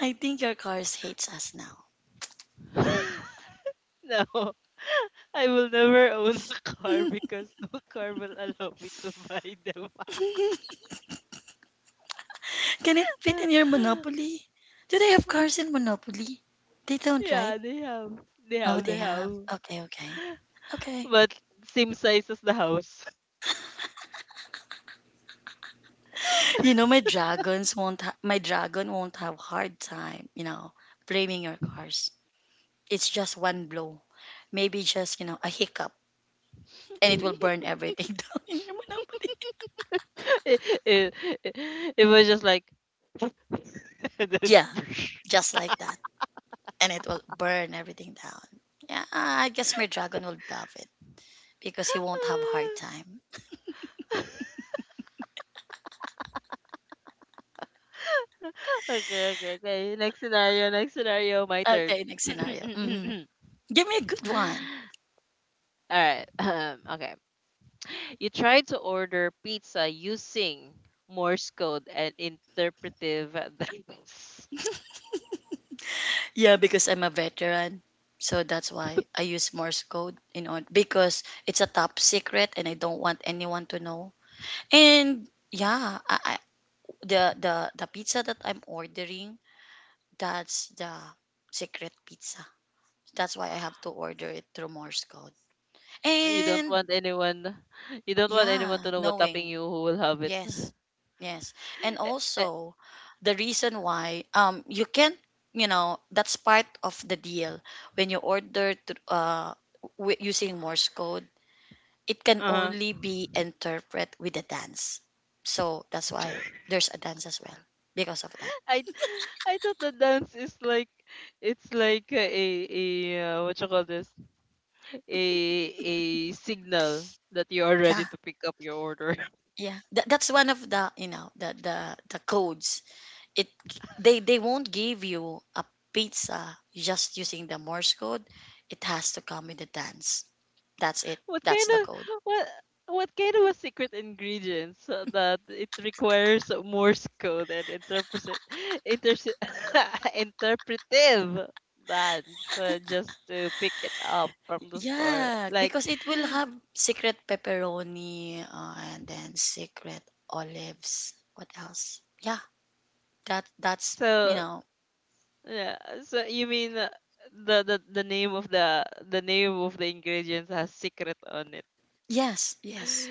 Speaker 2: I think your cars hates us now.
Speaker 1: no, I will never own a car because no car will allow me to buy them.
Speaker 2: Can it fit in your Monopoly? Do they have cars in Monopoly? They don't,
Speaker 1: Yeah,
Speaker 2: right?
Speaker 1: they have, they
Speaker 2: Oh,
Speaker 1: have, they
Speaker 2: they have.
Speaker 1: have,
Speaker 2: Okay, okay, okay.
Speaker 1: but same size as the house.
Speaker 2: You know, my dragons won't. My dragon won't have hard time. You know, blaming your cars. It's just one blow, maybe just, you know, a hiccup, and it will burn everything down in your Monopoly.
Speaker 1: it, it, it it was just like. And then
Speaker 2: Yeah, just like that, and it will burn everything down. Yeah, I guess my dragon will love it because he won't have hard time.
Speaker 1: okay, okay, okay. Next scenario, my turn.
Speaker 2: Okay, next scenario. Hmm, give me a good one.
Speaker 1: All right. Okay. You try to order pizza using Morse code and interpretive dials.
Speaker 2: Yeah, because I'm a veteran. So that's why I use Morse code in order because it's a top secret and I don't want anyone to know. And yeah, the the pizza that I'm ordering, that's the secret pizza. That's why I have to order it through Morse code.
Speaker 1: You don't
Speaker 2: And
Speaker 1: want anyone
Speaker 2: yeah,
Speaker 1: to know what topping
Speaker 2: knowing.
Speaker 1: you who will have it.
Speaker 2: Yes, yes. And
Speaker 1: Eh, eh,
Speaker 2: also, the reason why you can, you know, that's part of the deal when you order to, using Morse code, it can only
Speaker 1: uh-huh.
Speaker 2: be interpreted with a dance. So that's why there's a dance as well because of that.
Speaker 1: I I thought the dance is like it's like a what you call this a signal that you are ready
Speaker 2: Yeah,
Speaker 1: to pick up your order.
Speaker 2: yeah. That's one of the, you know, the the codes. It they won't give you a pizza just using the Morse code. It has to come with a dance. That's it.
Speaker 1: What
Speaker 2: That's
Speaker 1: kind
Speaker 2: the
Speaker 1: of
Speaker 2: code.
Speaker 1: what what kind of a secret ingredients that it requires Morse code and interpret inter interpretive dance just to pick it up from the store?
Speaker 2: Yeah,
Speaker 1: Like
Speaker 2: because it will have secret pepperoni, and then secret olives. What else? Yeah, that that's, you
Speaker 1: so,
Speaker 2: know.
Speaker 1: yeah. So you mean the name of the ingredients has secret on it?
Speaker 2: Yes, yes.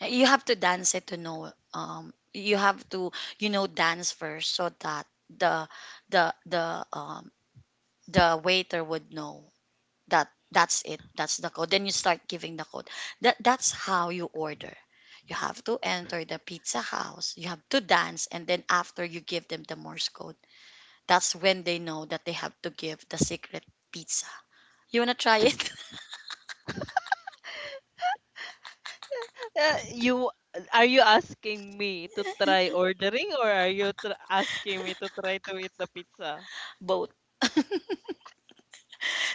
Speaker 2: You have to dance it to know. You have to, you know, dance first so that the the the um the waiter would know that that's it, that's the code, then you start giving the code. That that's how you order. You have to enter the pizza house, you have to dance, and then after you give them the Morse code, that's when they know that they have to give the secret pizza. You want to try it?
Speaker 1: You are you asking me to try ordering, or are you asking me to try to eat the pizza?
Speaker 2: Both,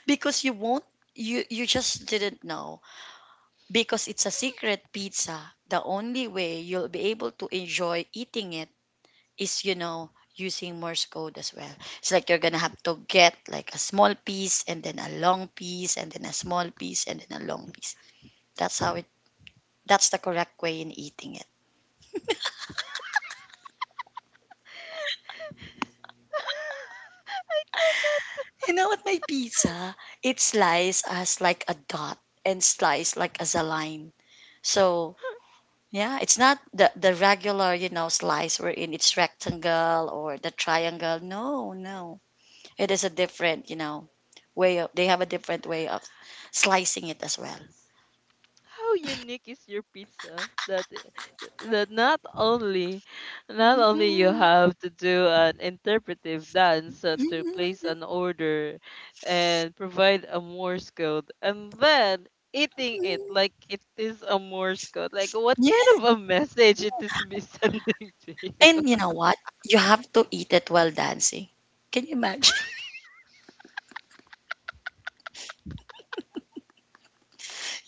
Speaker 2: because you won't, you just didn't know because it's a secret pizza. The only way you'll be able to enjoy eating it is, you know, using Morse code as well. It's like you're gonna have to get like a small piece and then a long piece and then a small piece and then a long piece. That's how it, that's the correct way in eating it.
Speaker 1: I cannot.
Speaker 2: You know what? My pizza, it sliced as like a dot and sliced like as a line. So yeah, it's not the regular, you know, slice wherein it's rectangle or the triangle. No, no, it is a different, you know, way of, they have a different way of slicing it as well.
Speaker 1: How unique is your pizza? That that not only not only you
Speaker 2: Mhm,
Speaker 1: have to do an interpretive dance to place
Speaker 2: mhm,
Speaker 1: an order and provide a Morse code, and then eating it
Speaker 2: mhm.
Speaker 1: like it is a Morse code. Like what
Speaker 2: Yeah.
Speaker 1: kind of a message it is be sending to you?
Speaker 2: And you know what? You have to eat it while dancing. Can you imagine?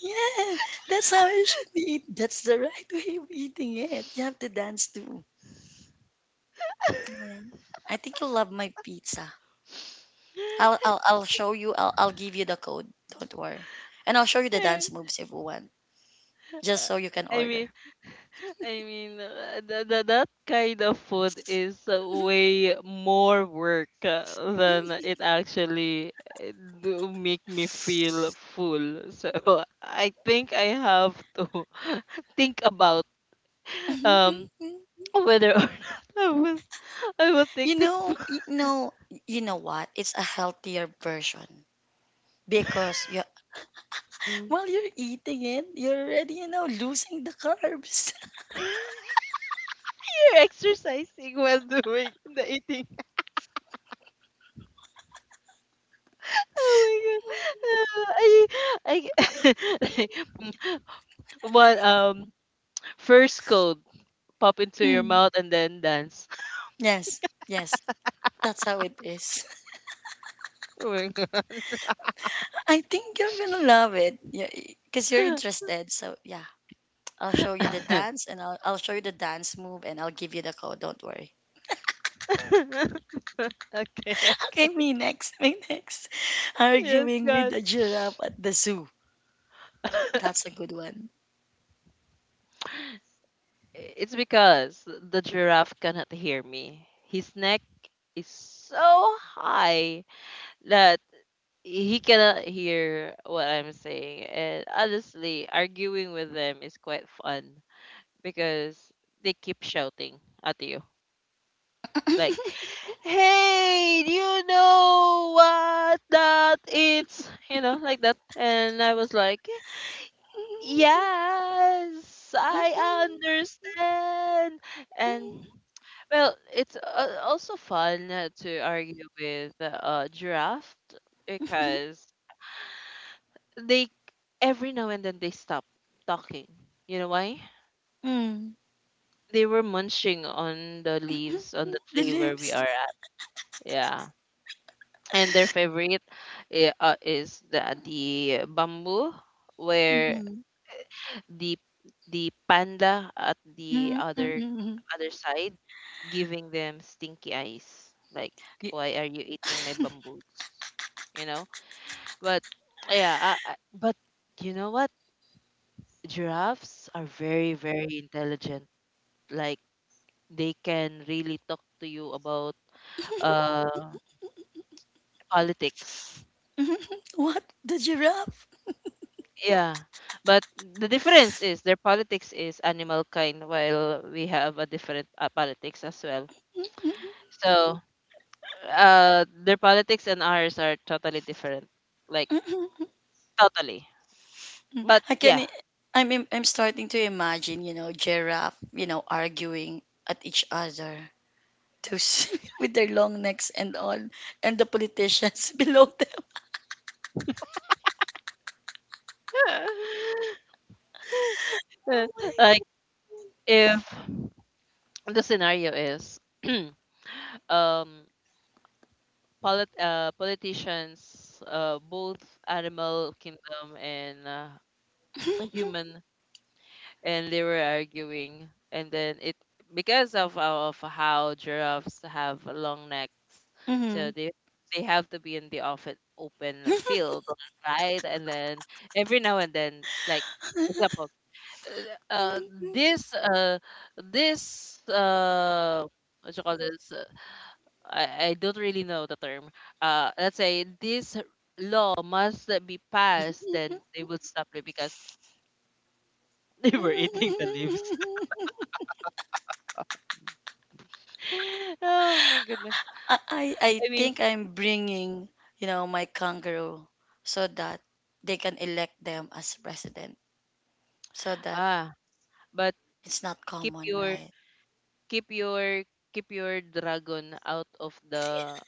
Speaker 2: Yeah, that's how you should be eat. That's the right way of eating it. You have to dance too. Yeah. I think you'll love my pizza. I'll show you. I'll give you the code. Don't worry. And I'll show you the dance moves if you want, just so you can
Speaker 1: I
Speaker 2: order.
Speaker 1: mean, that kind of food is way more work than it actually uh, do make me feel full. So I think I have to think about um whether or not I will take
Speaker 2: You
Speaker 1: that food.
Speaker 2: know, you know, you know what? It's a healthier version because you, while you're eating it, you're already, you know, losing the carbs.
Speaker 1: You're exercising while doing the eating. Oh my god! Uh, I, I, like, one first code, pop into your
Speaker 2: Mm.
Speaker 1: mouth and then dance.
Speaker 2: Yes, yes, that's how it is.
Speaker 1: Oh my
Speaker 2: I think you're gonna love it, yeah, because you're
Speaker 1: God.
Speaker 2: interested. So yeah, I'll show you the dance, and I'll show you the dance move, and I'll give you the code. Don't worry.
Speaker 1: Okay,
Speaker 2: Okay,
Speaker 1: okay.
Speaker 2: me next, me next.
Speaker 1: Yes,
Speaker 2: Arguing with
Speaker 1: God.
Speaker 2: the giraffe at the zoo. That's a good one.
Speaker 1: It's because the giraffe cannot hear me. His neck is so high that he cannot hear what I'm saying. And honestly, arguing with them is quite fun because they keep shouting at you. Like, hey, do you know what that is? You know, like that. And I was like, yes, I understand. And well, it's also fun to argue with giraffe because they every now and then they stop talking. You know why?
Speaker 2: Mm.
Speaker 1: They were munching on the leaves on the
Speaker 2: The
Speaker 1: tree where we
Speaker 2: lips.
Speaker 1: are at. Yeah. And their favorite is the bamboo where
Speaker 2: Mm-hmm.
Speaker 1: the the panda at the
Speaker 2: Mm-hmm, mm-hmm.
Speaker 1: other side giving them stinky eyes like,
Speaker 2: Yeah.
Speaker 1: why are you eating my bamboos? you know but yeah, but you know what? Giraffes are very very intelligent, like they can really talk to you about uh politics.
Speaker 2: What? The giraffe?
Speaker 1: Yeah, but the difference is their politics is animal kind, while we have a different politics as well. So, their politics and ours are totally different, like totally. But
Speaker 2: I can.
Speaker 1: yeah.
Speaker 2: I'm starting to imagine. You know, giraffe. You know, arguing at each other. Those with their long necks and all, and the politicians below them.
Speaker 1: Uh,
Speaker 2: Oh
Speaker 1: like
Speaker 2: my.
Speaker 1: if the scenario is, um, politicians, both animal kingdom and human, and they were arguing and then it, because of how giraffes have long necks, so
Speaker 2: Mhm.
Speaker 1: they have to be in the often open field, right? And then every now and then, like for example, uh uh, this uh this what you call this, I don't really know the term. Let's say this law must be passed, then they would stop it because they were eating the leaves. Oh my goodness.
Speaker 2: I
Speaker 1: I mean,
Speaker 2: think I'm bringing, you know, my kangaroo so that they can elect them as president. So that
Speaker 1: ah, but s-
Speaker 2: it's not
Speaker 1: keep
Speaker 2: common,
Speaker 1: your
Speaker 2: right?
Speaker 1: keep your keep your dragon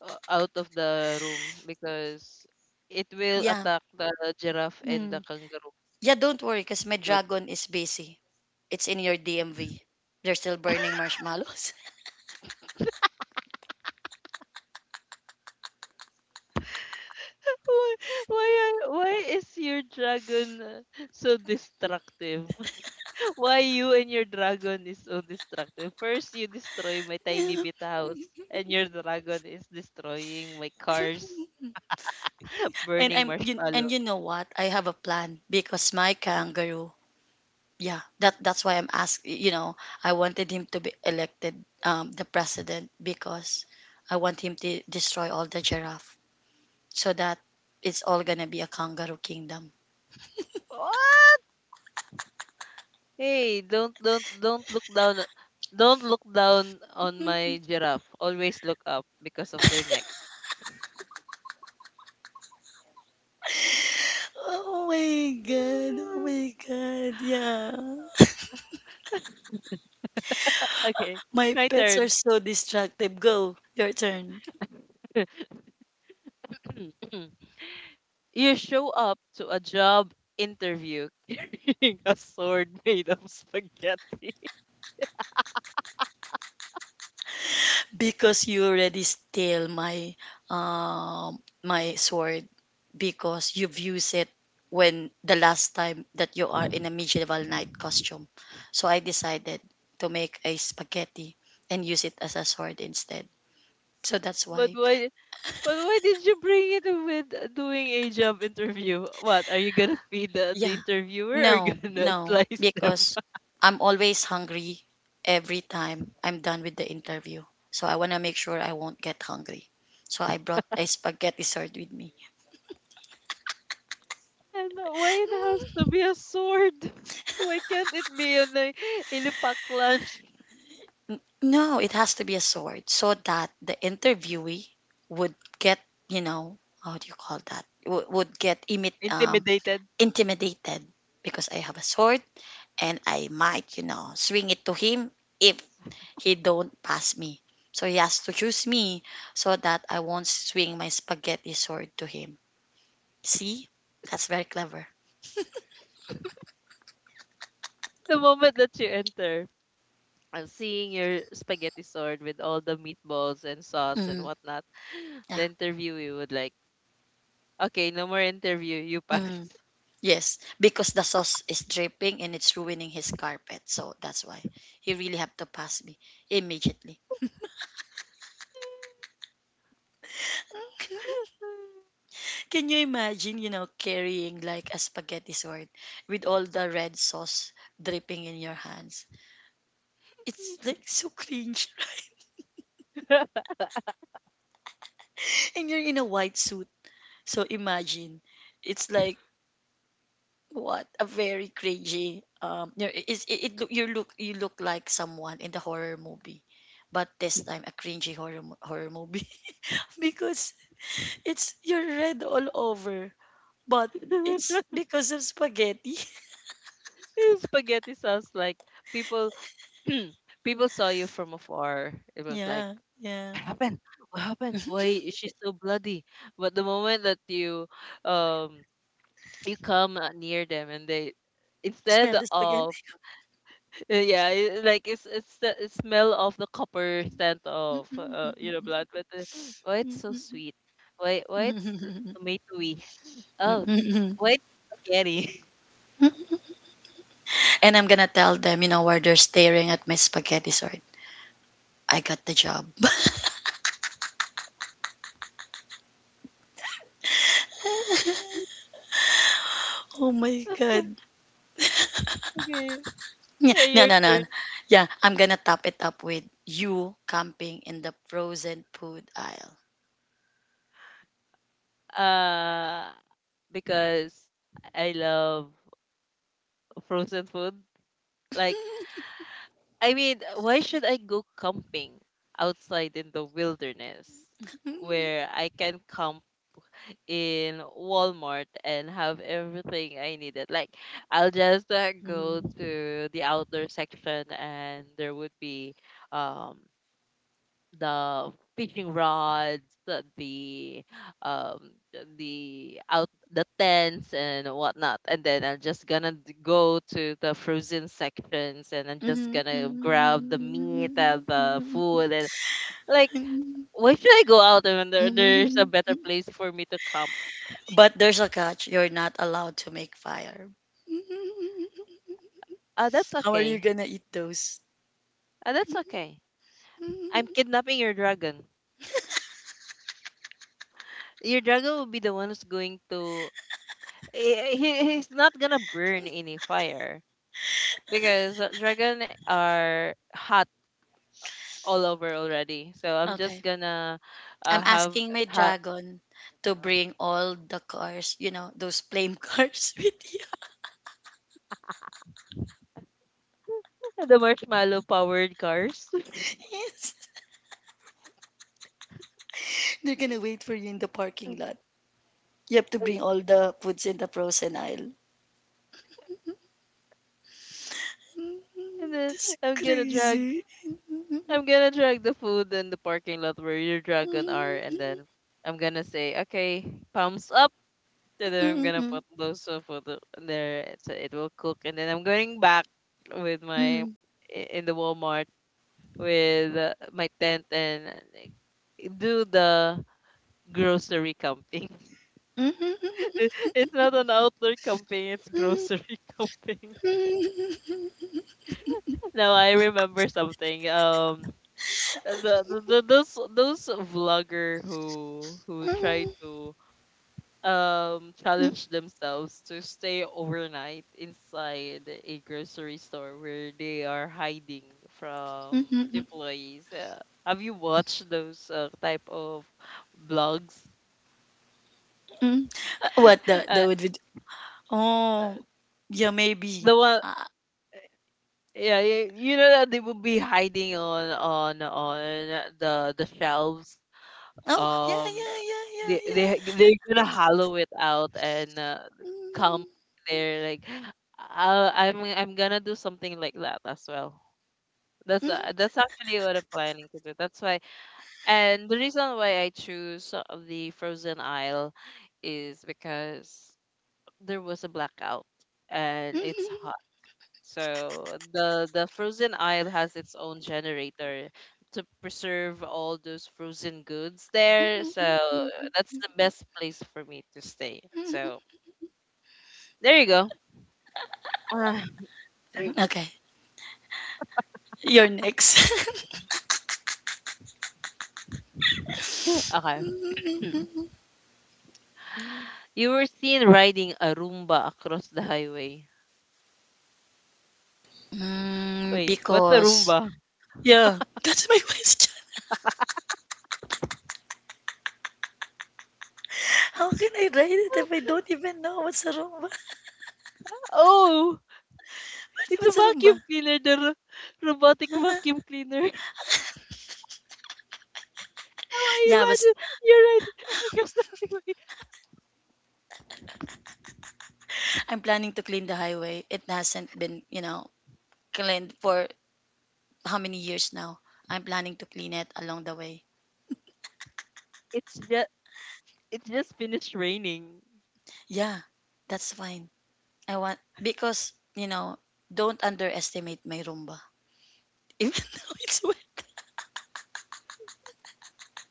Speaker 1: out of the room, because it will
Speaker 2: Yeah.
Speaker 1: attack the giraffe and the
Speaker 2: Mm.
Speaker 1: kangaroo.
Speaker 2: Yeah, don't worry because my
Speaker 1: But
Speaker 2: dragon is busy. It's in your DMV. They're still burning marshmallows.
Speaker 1: why why why is your dragon so destructive? Why you and your dragon is so destructive? First you destroy my tiny bit house, and your dragon is destroying my cars,
Speaker 2: And
Speaker 1: burning
Speaker 2: I'm you, and
Speaker 1: marshmallow.
Speaker 2: you know what? I have a plan because my kangaroo. Yeah, that that's why I'm asking. You know, I wanted him to be elected, the president, because I want him to destroy all the giraffe so that it's all gonna be a kangaroo kingdom.
Speaker 1: What? Hey, don't look don't look down on my giraffe. Always look up because of their neck.
Speaker 2: Oh my god! Oh my
Speaker 1: Mm.
Speaker 2: god! Yeah.
Speaker 1: Okay,
Speaker 2: My
Speaker 1: my
Speaker 2: pets are
Speaker 1: turn.
Speaker 2: so distractive. Go, your turn.
Speaker 1: You show up to a job interview carrying a sword made of spaghetti.
Speaker 2: Because you already steal my my sword because you've used it when the last time that you are in a medieval knight costume. So I decided to make a spaghetti and use it as a sword instead. So that's
Speaker 1: But
Speaker 2: why.
Speaker 1: why, did you bring it with doing a job interview? What, are you gonna feed the
Speaker 2: Yeah.
Speaker 1: interviewer or
Speaker 2: No,
Speaker 1: gonna
Speaker 2: no,
Speaker 1: slice them?
Speaker 2: because I'm always hungry every time I'm done with the interview. So I want to make sure I won't get hungry. So I brought a spaghetti sword with me.
Speaker 1: And why it has to be a sword? Why can't it be yun na inipaklan?
Speaker 2: No, it has to be a sword so that the interviewee would get, you know, how do you call that? Would get imit
Speaker 1: Intimidated.
Speaker 2: intimidated because I have a sword and I might, you know, swing it to him if he don't pass me. So he has to choose me so that I won't swing my spaghetti sword to him. See? That's very clever.
Speaker 1: The moment that you enter, I'm seeing your spaghetti sword with all the meatballs and sauce and
Speaker 2: Mm,
Speaker 1: whatnot.
Speaker 2: yeah.
Speaker 1: The interviewee would like, okay, no more interview, you pass.
Speaker 2: Mm, yes, because the sauce is dripping and it's ruining his carpet. So that's why he really have to pass me immediately. Can you imagine, carrying like a spaghetti sword with all the red sauce dripping in your hands? It's like so cringe, and you're in a white suit. So imagine, it's like what a very cringy. It look you look like someone in the horror movie, but this time a cringy horror movie. Because it's you're red all over, but it's because of spaghetti.
Speaker 1: Yung spaghetti sauce, like people people saw you from afar. It was like,
Speaker 2: Yeah, yeah.
Speaker 1: what happened? What happened?
Speaker 2: Mhm.
Speaker 1: Why is she so bloody? But the moment that you um you come near them, and they instead
Speaker 2: Smell the
Speaker 1: of
Speaker 2: spaghetti.
Speaker 1: yeah, like it's the it smell of the copper scent of you know,
Speaker 2: And
Speaker 1: blood, but why it's so sweet, why tomatoey, oh, eh, why it's spaghetti.
Speaker 2: I'm gonna tell them, while they're staring at my spaghetti sort, I got the job.
Speaker 1: Yes.
Speaker 2: Oh my god.
Speaker 1: Okay.
Speaker 2: Yeah,
Speaker 1: Yeah,
Speaker 2: no,
Speaker 1: your
Speaker 2: no, no, no.
Speaker 1: turn.
Speaker 2: Yeah, I'm gonna top it up with you camping in the frozen food aisle.
Speaker 1: uh because I love frozen food. Like, I mean, why should I go camping outside in the wilderness where I can camp in Walmart and have everything I needed? Like, I'll just go
Speaker 2: Mhm.
Speaker 1: to the outdoor section, and there would be um the fishing rods, um the tents and whatnot, and then I'm just gonna go to the frozen sections and I'm just gonna
Speaker 2: Mhm.
Speaker 1: grab the meat and the food, and like, why should I go out when there's a better place for me to camp?
Speaker 2: But there's a catch. You're not allowed to make fire.
Speaker 1: Ah, that's
Speaker 2: How are you
Speaker 1: okay.
Speaker 2: gonna eat those?
Speaker 1: Ah, that's okay. I'm kidnapping your dragon. Your dragon will be the one who's going to. He, he's not gonna burn any fire because dragon are hot all over already. So I'm just
Speaker 2: Okay.
Speaker 1: gonna
Speaker 2: I'm
Speaker 1: have
Speaker 2: asking my
Speaker 1: have
Speaker 2: dragon to bring all the cars, those flame cars with you.
Speaker 1: the marshmallow powered cars.
Speaker 2: Yes. They're gonna wait for you in the parking lot. You have to bring all the foods in the frozen aisle.
Speaker 1: And then
Speaker 2: That's
Speaker 1: I'm gonna drag
Speaker 2: crazy.
Speaker 1: I'm gonna drag the food in the parking lot where your dragon are, and then I'm gonna say, okay, palms up. And then I'm gonna put those food in there so it will cook, and then I'm going back with my in the Walmart with my tent and do the grocery camping. It- it's not an outdoor camping, it's grocery camping. Now I remember something. Those vlogger who try to challenge themselves to stay overnight inside a grocery store where they are hiding from employees. Have you watched those type of blogs?
Speaker 2: What the
Speaker 1: Uh,
Speaker 2: would-
Speaker 1: uh,
Speaker 2: oh yeah, maybe,
Speaker 1: the one.
Speaker 2: uh,
Speaker 1: Yeah, you know that they will be hiding on the shelves.
Speaker 2: oh, yeah,
Speaker 1: Um,
Speaker 2: yeah, yeah, yeah, yeah.
Speaker 1: they're gonna hollow it out and come there like, I'm gonna do something like that as well. That's actually what I'm planning to do. That's why, and the reason why I choose the frozen aisle is because there was a blackout
Speaker 2: Mm,
Speaker 1: and it's,
Speaker 2: mhm,
Speaker 1: so the frozen aisle has its own generator to preserve all those frozen goods there.
Speaker 2: mhm,
Speaker 1: So
Speaker 2: mhm, mhm,
Speaker 1: that's
Speaker 2: mhm,
Speaker 1: the best place for me to stay.
Speaker 2: mhm.
Speaker 1: So there you go. Ah,
Speaker 2: Okay, you're next.
Speaker 1: okay. You were seen riding a Roomba across the highway.
Speaker 2: Mm,
Speaker 1: Wait, what's a
Speaker 2: because,
Speaker 1: Roomba?
Speaker 2: yeah, that's my question. How can I write it if I don't even know what's a rumba?
Speaker 1: Oh,
Speaker 2: What,
Speaker 1: it's a
Speaker 2: what's a
Speaker 1: vacuum
Speaker 2: rumba?
Speaker 1: cleaner, the robotic
Speaker 2: Huh?
Speaker 1: vacuum cleaner. Now I
Speaker 2: Yeah, but
Speaker 1: imagine you're right, across the highway.
Speaker 2: I'm planning to clean the highway. It hasn't been, cleaned for how many years now? I'm planning to clean it along the way.
Speaker 1: It's just, finished raining.
Speaker 2: Yeah, that's fine. I want, because, don't underestimate my rumba. Even though it's wet.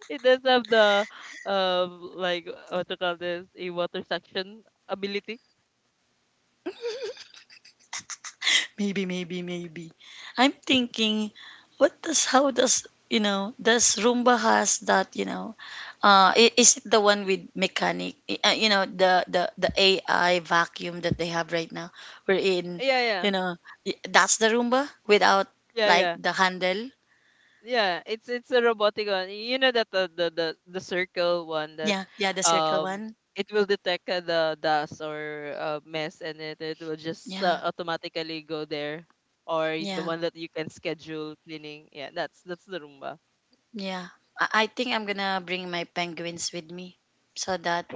Speaker 1: It does have the like, what to call this, a water suction ability.
Speaker 2: Maybe, maybe, maybe. I'm thinking, what does, how does, does Roomba has that, is it the one with mechanic, the AI vacuum that they have right now? We're in,
Speaker 1: Yeah,
Speaker 2: you
Speaker 1: yeah,
Speaker 2: know, that's the Roomba without
Speaker 1: yeah,
Speaker 2: like
Speaker 1: yeah,
Speaker 2: the handle.
Speaker 1: yeah. It's a robotic one. You know that the circle one that
Speaker 2: Yeah, yeah, the circle
Speaker 1: um
Speaker 2: one.
Speaker 1: it will detect the dust or mess, and it will just
Speaker 2: Yeah,
Speaker 1: automatically go there. Or the
Speaker 2: yeah,
Speaker 1: one that you can schedule cleaning. Yeah, that's the Roomba.
Speaker 2: yeah. I think I'm gonna bring my penguins with me so that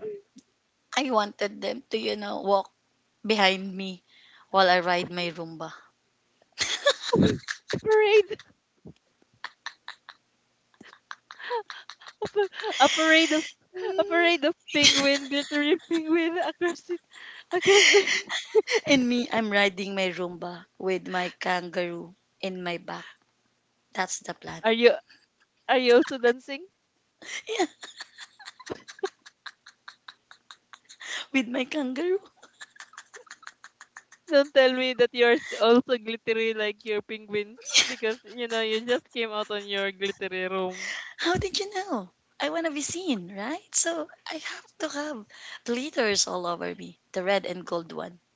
Speaker 2: I wanted them to, walk behind me while I ride my Roomba.
Speaker 1: A parade, a, pa- a parade of a parade of penguin, glittery penguin across it, across the.
Speaker 2: And me, I'm riding my Roomba with my kangaroo in my back. That's the plan.
Speaker 1: Are you, also dancing?
Speaker 2: Yeah, with my kangaroo.
Speaker 1: Don't tell me that you're also glittery like your penguins, because you know you just came out on your glittery room.
Speaker 2: How did you know? I want to be seen, right? So I have to have glitters all over me, the red and gold one.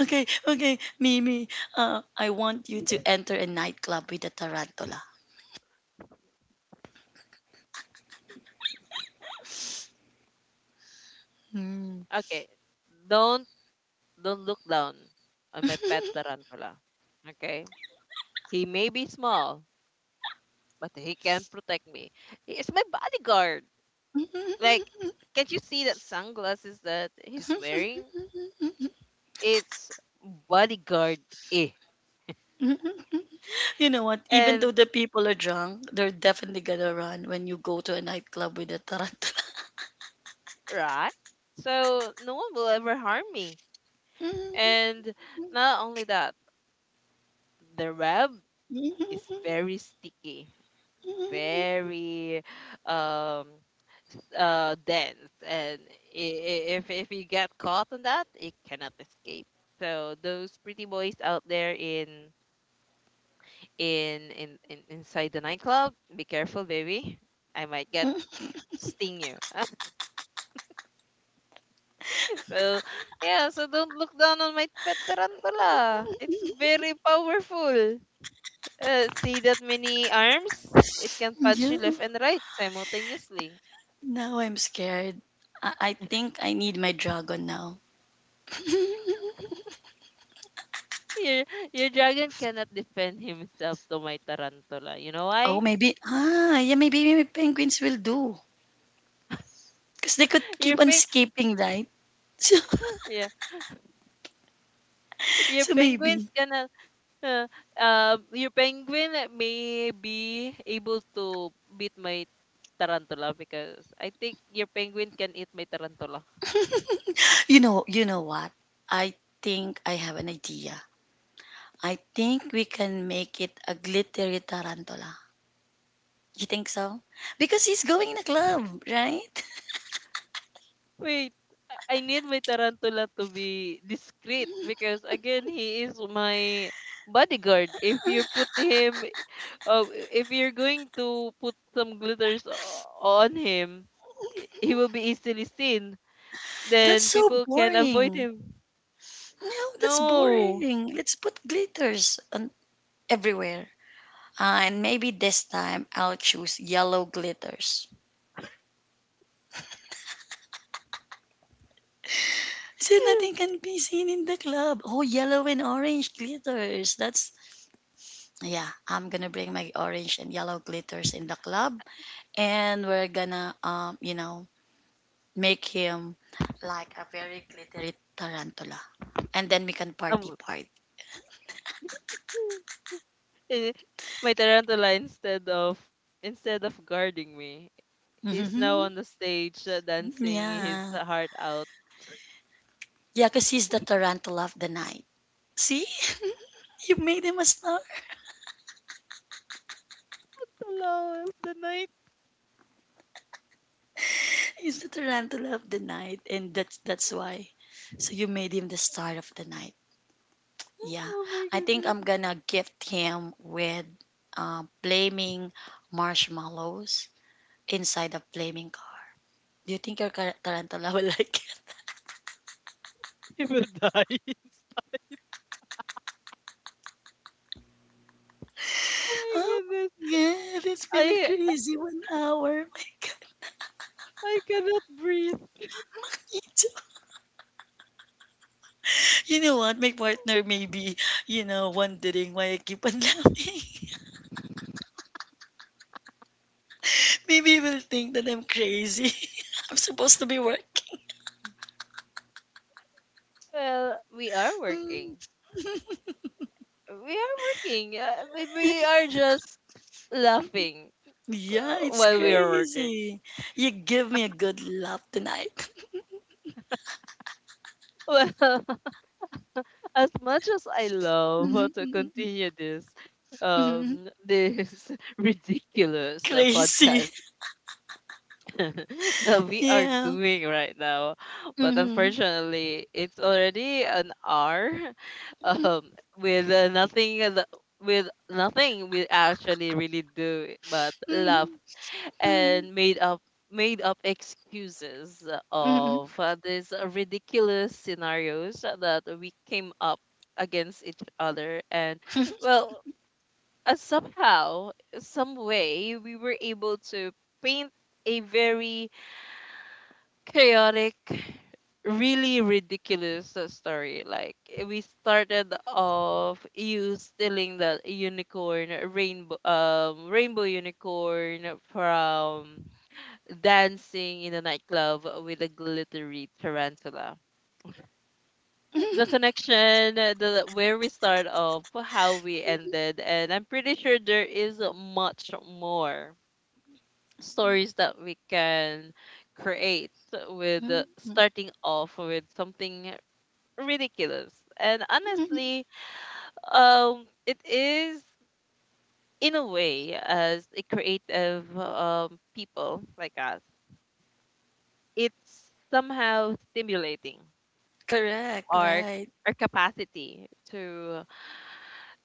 Speaker 2: Okay, okay, Mimi, I want you to enter a nightclub with a tarantula.
Speaker 1: Okay. Don't don't look down on my pet tarantula. Okay? He may be small, but he can protect me. He is my bodyguard. Like, can't you see that sunglasses that he's wearing? It's bodyguard, eh.
Speaker 2: Hmm. You know what? Even
Speaker 1: And
Speaker 2: though the people are drunk, they're definitely gonna run when you go to a nightclub with a tarantula.
Speaker 1: right? So no one will ever harm me. And not only that, the web is very sticky, very um dense, and if you get caught on that, it cannot escape. So those pretty boys out there in inside the nightclub, be careful, baby. I might get sting you. So yeah, so don't look down on my pet tarantula. It's very powerful. See that many arms? It can punch you
Speaker 2: Yeah.
Speaker 1: left and right simultaneously.
Speaker 2: Now I'm scared. I think I need my dragon now.
Speaker 1: Your dragon cannot defend himself to my tarantula. You know
Speaker 2: Oh,
Speaker 1: why?
Speaker 2: maybe. Ah, yeah, maybe, maybe penguins will do. Because they could
Speaker 1: Your
Speaker 2: keep on escaping, right?
Speaker 1: yeah, your
Speaker 2: So maybe.
Speaker 1: penguins cannot. Uh, your penguin may be able to beat my tarantula because I think your penguin can eat my tarantula.
Speaker 2: You know what? I think I have an idea. I think we can make it a glittery tarantula. You think so? Because he's going in a club, right?
Speaker 1: Wait, I need my tarantula to be discreet because again he is my bodyguard. If you put him, oh, if you're going to put some glitters on him, he will be easily seen.
Speaker 2: That's
Speaker 1: Then
Speaker 2: so
Speaker 1: people can avoid
Speaker 2: boring.
Speaker 1: him.
Speaker 2: No, that's
Speaker 1: No.
Speaker 2: boring. Let's put glitters on everywhere. And maybe this time I'll choose yellow glitters. So nothing can be seen in the club. Oh, yellow and orange glitters. That's yeah. I'm gonna bring my orange and yellow glitters in the club, and we're gonna make him like a very glittery tarantula, and then we can party
Speaker 1: Um,
Speaker 2: party.
Speaker 1: eh, my tarantula, instead of guarding me, he's now
Speaker 2: Mhm.
Speaker 1: on the stage dancing his
Speaker 2: Yeah.
Speaker 1: heart out.
Speaker 2: Yeah, because he's the tarantula of the night. See? You made him a star.
Speaker 1: Hello of the night.
Speaker 2: He's the tarantula of the night. And that's why. So you made him the star of the night. Yeah.
Speaker 1: Oh my
Speaker 2: I think
Speaker 1: goodness.
Speaker 2: I'm gonna gift him with flaming marshmallows inside a flaming car. Do you think your tarantula will like it?
Speaker 1: He will die. Oh
Speaker 2: Oh
Speaker 1: my goodness.
Speaker 2: yeah, it's been a
Speaker 1: I
Speaker 2: crazy 1 hour.
Speaker 1: I cannot breathe.
Speaker 2: My god. You know what? My partner maybe, wondering why I keep on laughing. Maybe he will think that I'm crazy. I'm supposed to be working.
Speaker 1: Well, we are
Speaker 2: Mm,
Speaker 1: working. We are working. We are just
Speaker 2: mm.
Speaker 1: laughing
Speaker 2: Yeah, it's
Speaker 1: while we are working.
Speaker 2: crazy. You give me a good laugh tonight.
Speaker 1: Well, as much as I
Speaker 2: Mhm,
Speaker 1: love to
Speaker 2: mhm,
Speaker 1: continue this,
Speaker 2: mhm, mhm.
Speaker 1: this ridiculous
Speaker 2: Crazy.
Speaker 1: podcast that we are
Speaker 2: Yeah.
Speaker 1: doing right now, but
Speaker 2: Mhm,
Speaker 1: unfortunately, it's already an hour,
Speaker 2: mhm,
Speaker 1: um, with nothing that- with nothing we actually really do but
Speaker 2: mhm,
Speaker 1: laugh,
Speaker 2: mhm,
Speaker 1: and made up excuses
Speaker 2: mhm,
Speaker 1: of these ridiculous scenarios that we came up against each other. And well, somehow, some way, we were able to paint a very chaotic, really ridiculous story. Like, eh, we started off you stealing the unicorn rainbow, rainbow unicorn, from dancing in a nightclub with a glittery tarantula. The
Speaker 2: mhm,
Speaker 1: connection, the where we start off, how we ended, and I'm pretty sure there is much more stories that we can create with
Speaker 2: mhm,
Speaker 1: starting off with something ridiculous. And
Speaker 2: mhm.
Speaker 1: honestly, it is in a way, as a creative, um, people like us, it's somehow stimulating
Speaker 2: Correct,
Speaker 1: our
Speaker 2: right.
Speaker 1: capacity to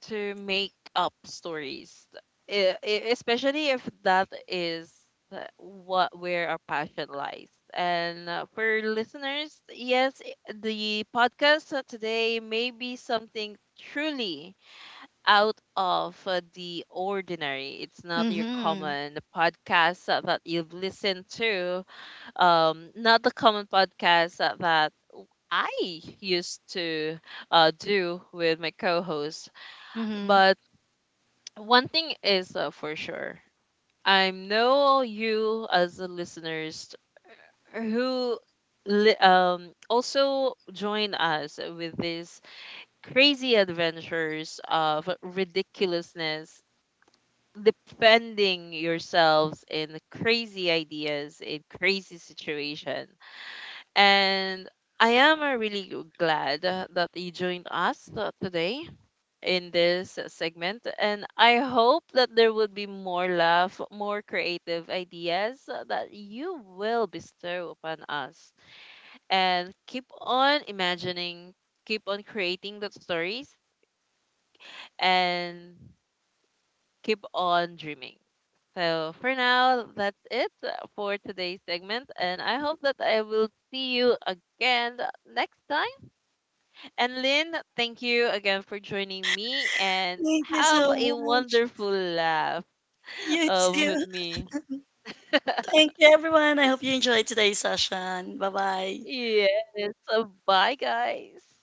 Speaker 1: make up stories. Especially if that is what, where our passion lies. And for listeners, yes, the podcast today may be something truly out of the ordinary. It's not your
Speaker 2: Mm-hmm.
Speaker 1: common podcast that you've listened to, not the common podcast that, that I used to do with my co-host.
Speaker 2: Mm-hmm.
Speaker 1: But one thing is for sure, I know you as the listeners who also join us with these crazy adventures of ridiculousness, defending yourselves in crazy ideas, in crazy situations. And I am really glad that you joined us today in this segment. And I hope that there will be more laugh, more creative ideas that you will bestow upon us. And keep on imagining, keep on creating those stories, and keep on dreaming. So for now, that's it for today's segment, and I hope that I will see you again next time. And Lynn, thank you again for joining me and
Speaker 2: Thank you so
Speaker 1: have a
Speaker 2: much.
Speaker 1: wonderful laugh
Speaker 2: You
Speaker 1: with
Speaker 2: too.
Speaker 1: me.
Speaker 2: Thank you, everyone. I hope you enjoyed today's session. Bye bye.
Speaker 1: Yes. So bye, guys.